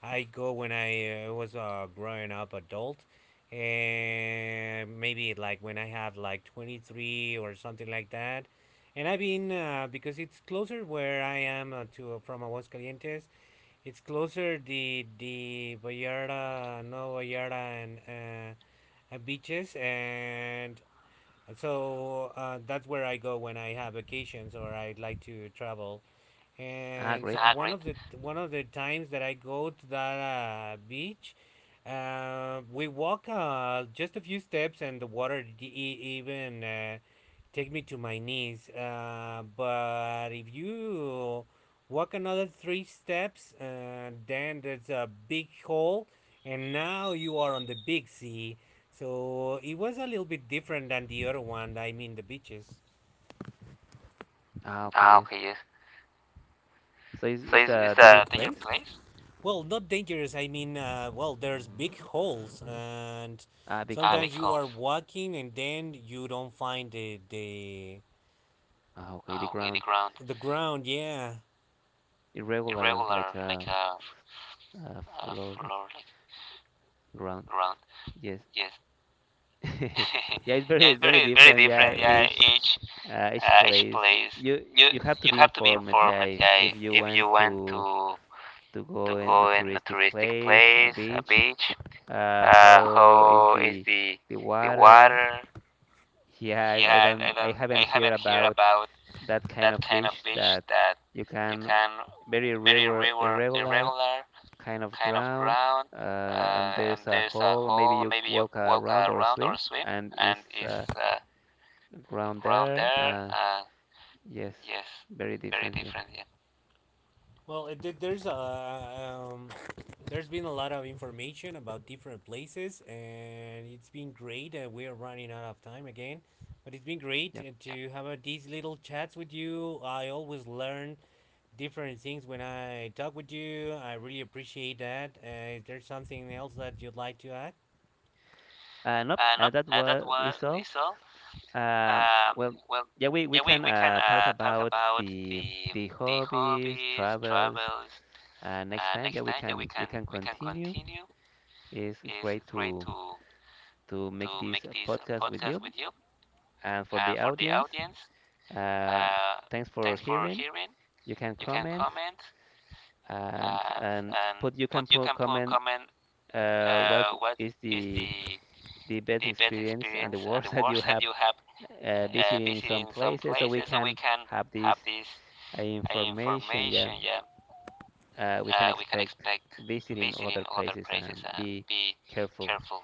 [SPEAKER 2] I go when I was a growing up adult, and maybe like when I have like 23 or something like that, and I've been because it's closer where I am to from Aguascalientes. It's closer the Vallarta, no Vallarta, and beaches, and so that's where I go when I have vacations or I would like to travel. And
[SPEAKER 1] Ah,
[SPEAKER 2] so
[SPEAKER 1] great.
[SPEAKER 2] I one agree, of the, one of the times that I go to that beach, we walk just a few steps, and the water even take me to my knees. But if you walk another three steps, then there's a big hole, and now you are on the big sea. So it was a little bit different than the other one. I mean, the beaches.
[SPEAKER 1] Ah, okay.
[SPEAKER 2] Ah,
[SPEAKER 1] Yes.
[SPEAKER 2] okay, yes.
[SPEAKER 1] So, it's,
[SPEAKER 2] So
[SPEAKER 1] it's
[SPEAKER 2] is
[SPEAKER 1] a danger
[SPEAKER 2] a dangerous
[SPEAKER 1] place?
[SPEAKER 2] place? Well, not dangerous. I mean, well, there's big holes, and big
[SPEAKER 1] Ah, big
[SPEAKER 2] sometimes big
[SPEAKER 1] holes.
[SPEAKER 2] you are holes walking, and then you don't find the.
[SPEAKER 1] Ah, okay, the
[SPEAKER 2] Ah, okay, the
[SPEAKER 1] ground.
[SPEAKER 2] ground the ground. Yeah,
[SPEAKER 1] Irregular, like
[SPEAKER 2] irregular,
[SPEAKER 1] a,
[SPEAKER 2] like
[SPEAKER 1] a
[SPEAKER 2] a
[SPEAKER 1] floor, like
[SPEAKER 2] floor, like
[SPEAKER 1] ground.
[SPEAKER 2] ground.
[SPEAKER 1] Yes.
[SPEAKER 2] Yes. *laughs*
[SPEAKER 1] *laughs* Yeah, it's
[SPEAKER 2] Yeah,
[SPEAKER 1] very,
[SPEAKER 2] it's
[SPEAKER 1] very
[SPEAKER 2] very, very
[SPEAKER 1] different. Yeah,
[SPEAKER 2] different. Yeah,
[SPEAKER 1] each
[SPEAKER 2] each
[SPEAKER 1] place.
[SPEAKER 2] place.
[SPEAKER 1] You
[SPEAKER 2] You
[SPEAKER 1] you have to
[SPEAKER 2] you
[SPEAKER 1] be
[SPEAKER 2] have to be
[SPEAKER 1] informed. Yeah,
[SPEAKER 2] informed.
[SPEAKER 1] if,
[SPEAKER 2] Yeah,
[SPEAKER 1] if you
[SPEAKER 2] if
[SPEAKER 1] want
[SPEAKER 2] you want
[SPEAKER 1] to,
[SPEAKER 2] to
[SPEAKER 1] go in a
[SPEAKER 2] go in a
[SPEAKER 1] touristic
[SPEAKER 2] touristic
[SPEAKER 1] place, a
[SPEAKER 2] place, a
[SPEAKER 1] beach,
[SPEAKER 2] beach.
[SPEAKER 1] how is
[SPEAKER 2] How is
[SPEAKER 1] the the
[SPEAKER 2] the
[SPEAKER 1] water? *laughs*
[SPEAKER 2] water?
[SPEAKER 1] Yeah,
[SPEAKER 2] Yeah, I
[SPEAKER 1] I
[SPEAKER 2] don't. I
[SPEAKER 1] haven't heard
[SPEAKER 2] haven't heard
[SPEAKER 1] about
[SPEAKER 2] about
[SPEAKER 1] that kind
[SPEAKER 2] that
[SPEAKER 1] of
[SPEAKER 2] kind of
[SPEAKER 1] beach,
[SPEAKER 2] beach
[SPEAKER 1] that
[SPEAKER 2] that
[SPEAKER 1] you
[SPEAKER 2] you
[SPEAKER 1] can,
[SPEAKER 2] can,
[SPEAKER 1] very
[SPEAKER 2] very
[SPEAKER 1] irregular, irregular
[SPEAKER 2] irregular
[SPEAKER 1] kind of
[SPEAKER 2] kind of
[SPEAKER 1] ground,
[SPEAKER 2] ground,
[SPEAKER 1] and
[SPEAKER 2] and
[SPEAKER 1] there's a
[SPEAKER 2] there's a
[SPEAKER 1] hole. Maybe
[SPEAKER 2] hole.
[SPEAKER 1] you
[SPEAKER 2] Maybe you
[SPEAKER 1] walk
[SPEAKER 2] walk
[SPEAKER 1] around or
[SPEAKER 2] around or
[SPEAKER 1] swim,
[SPEAKER 2] swim,
[SPEAKER 1] and
[SPEAKER 2] and
[SPEAKER 1] it's,
[SPEAKER 2] it's
[SPEAKER 1] uh, ground
[SPEAKER 2] ground
[SPEAKER 1] there.
[SPEAKER 2] there.
[SPEAKER 1] Yes,
[SPEAKER 2] Yes,
[SPEAKER 1] very
[SPEAKER 2] very
[SPEAKER 1] different. Yeah,
[SPEAKER 2] different. Yeah. Well, it, did- there's a there's been a lot of information about different places, and it's been great. We are running out of time again, but it's been great
[SPEAKER 1] yeah.
[SPEAKER 2] to have these little chats with you. I always learn different things when I talk with you. I really appreciate that. Is there something else that you'd like to add?
[SPEAKER 1] Nope.
[SPEAKER 2] Nope,
[SPEAKER 1] That
[SPEAKER 2] that
[SPEAKER 1] was
[SPEAKER 2] was
[SPEAKER 1] is all.
[SPEAKER 2] is all.
[SPEAKER 1] Um,
[SPEAKER 2] Um,
[SPEAKER 1] well,
[SPEAKER 2] well,
[SPEAKER 1] yeah, we
[SPEAKER 2] yeah,
[SPEAKER 1] can,
[SPEAKER 2] we can
[SPEAKER 1] talk
[SPEAKER 2] talk
[SPEAKER 1] about
[SPEAKER 2] about
[SPEAKER 1] the the
[SPEAKER 2] the
[SPEAKER 1] hobbies,
[SPEAKER 2] hobbies,
[SPEAKER 1] travels.
[SPEAKER 2] travels,
[SPEAKER 1] Next time, yeah,
[SPEAKER 2] next
[SPEAKER 1] we
[SPEAKER 2] time. Yeah,
[SPEAKER 1] can we can
[SPEAKER 2] we can
[SPEAKER 1] continue.
[SPEAKER 2] continue.
[SPEAKER 1] It's
[SPEAKER 2] It's
[SPEAKER 1] great
[SPEAKER 2] great
[SPEAKER 1] to, make
[SPEAKER 2] to
[SPEAKER 1] this,
[SPEAKER 2] make this
[SPEAKER 1] podcast with
[SPEAKER 2] podcast
[SPEAKER 1] you.
[SPEAKER 2] with you.
[SPEAKER 1] And for
[SPEAKER 2] And
[SPEAKER 1] the
[SPEAKER 2] for the
[SPEAKER 1] audience,
[SPEAKER 2] audience,
[SPEAKER 1] uh,
[SPEAKER 2] uh,
[SPEAKER 1] thanks for
[SPEAKER 2] thanks for
[SPEAKER 1] hearing.
[SPEAKER 2] hearing.
[SPEAKER 1] You can
[SPEAKER 2] You can
[SPEAKER 1] comment,
[SPEAKER 2] comment,
[SPEAKER 1] and
[SPEAKER 2] and
[SPEAKER 1] and
[SPEAKER 2] and
[SPEAKER 1] put, you
[SPEAKER 2] put,
[SPEAKER 1] can
[SPEAKER 2] you
[SPEAKER 1] put
[SPEAKER 2] can put
[SPEAKER 1] comment,
[SPEAKER 2] comment,
[SPEAKER 1] what
[SPEAKER 2] what
[SPEAKER 1] is
[SPEAKER 2] is
[SPEAKER 1] the the best
[SPEAKER 2] the best
[SPEAKER 1] experience and the
[SPEAKER 2] experience and the
[SPEAKER 1] worst, *laughs* that you
[SPEAKER 2] worst, *laughs* that
[SPEAKER 1] have,
[SPEAKER 2] you have
[SPEAKER 1] visiting some
[SPEAKER 2] visiting some
[SPEAKER 1] places, so we
[SPEAKER 2] places, so we
[SPEAKER 1] can
[SPEAKER 2] can
[SPEAKER 1] have this,
[SPEAKER 2] have this
[SPEAKER 1] information. Yeah,
[SPEAKER 2] information. Yeah,
[SPEAKER 1] we can
[SPEAKER 2] we can
[SPEAKER 1] expect
[SPEAKER 2] expect
[SPEAKER 1] visiting
[SPEAKER 2] visiting
[SPEAKER 1] other
[SPEAKER 2] other
[SPEAKER 1] places
[SPEAKER 2] places
[SPEAKER 1] and
[SPEAKER 2] and
[SPEAKER 1] be
[SPEAKER 2] be
[SPEAKER 1] careful.
[SPEAKER 2] careful.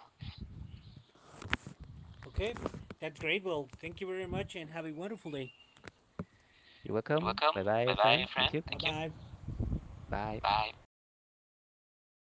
[SPEAKER 2] Okay, that's great. Well, thank you very much and have a wonderful day.
[SPEAKER 1] You're
[SPEAKER 2] You're
[SPEAKER 1] welcome.
[SPEAKER 2] welcome.
[SPEAKER 1] Bye bye,
[SPEAKER 2] Bye bye,
[SPEAKER 1] friend.
[SPEAKER 2] friend.
[SPEAKER 1] Thank you.
[SPEAKER 2] Bye. Thank Bye-bye. You.
[SPEAKER 1] Bye.
[SPEAKER 2] Bye. Bye.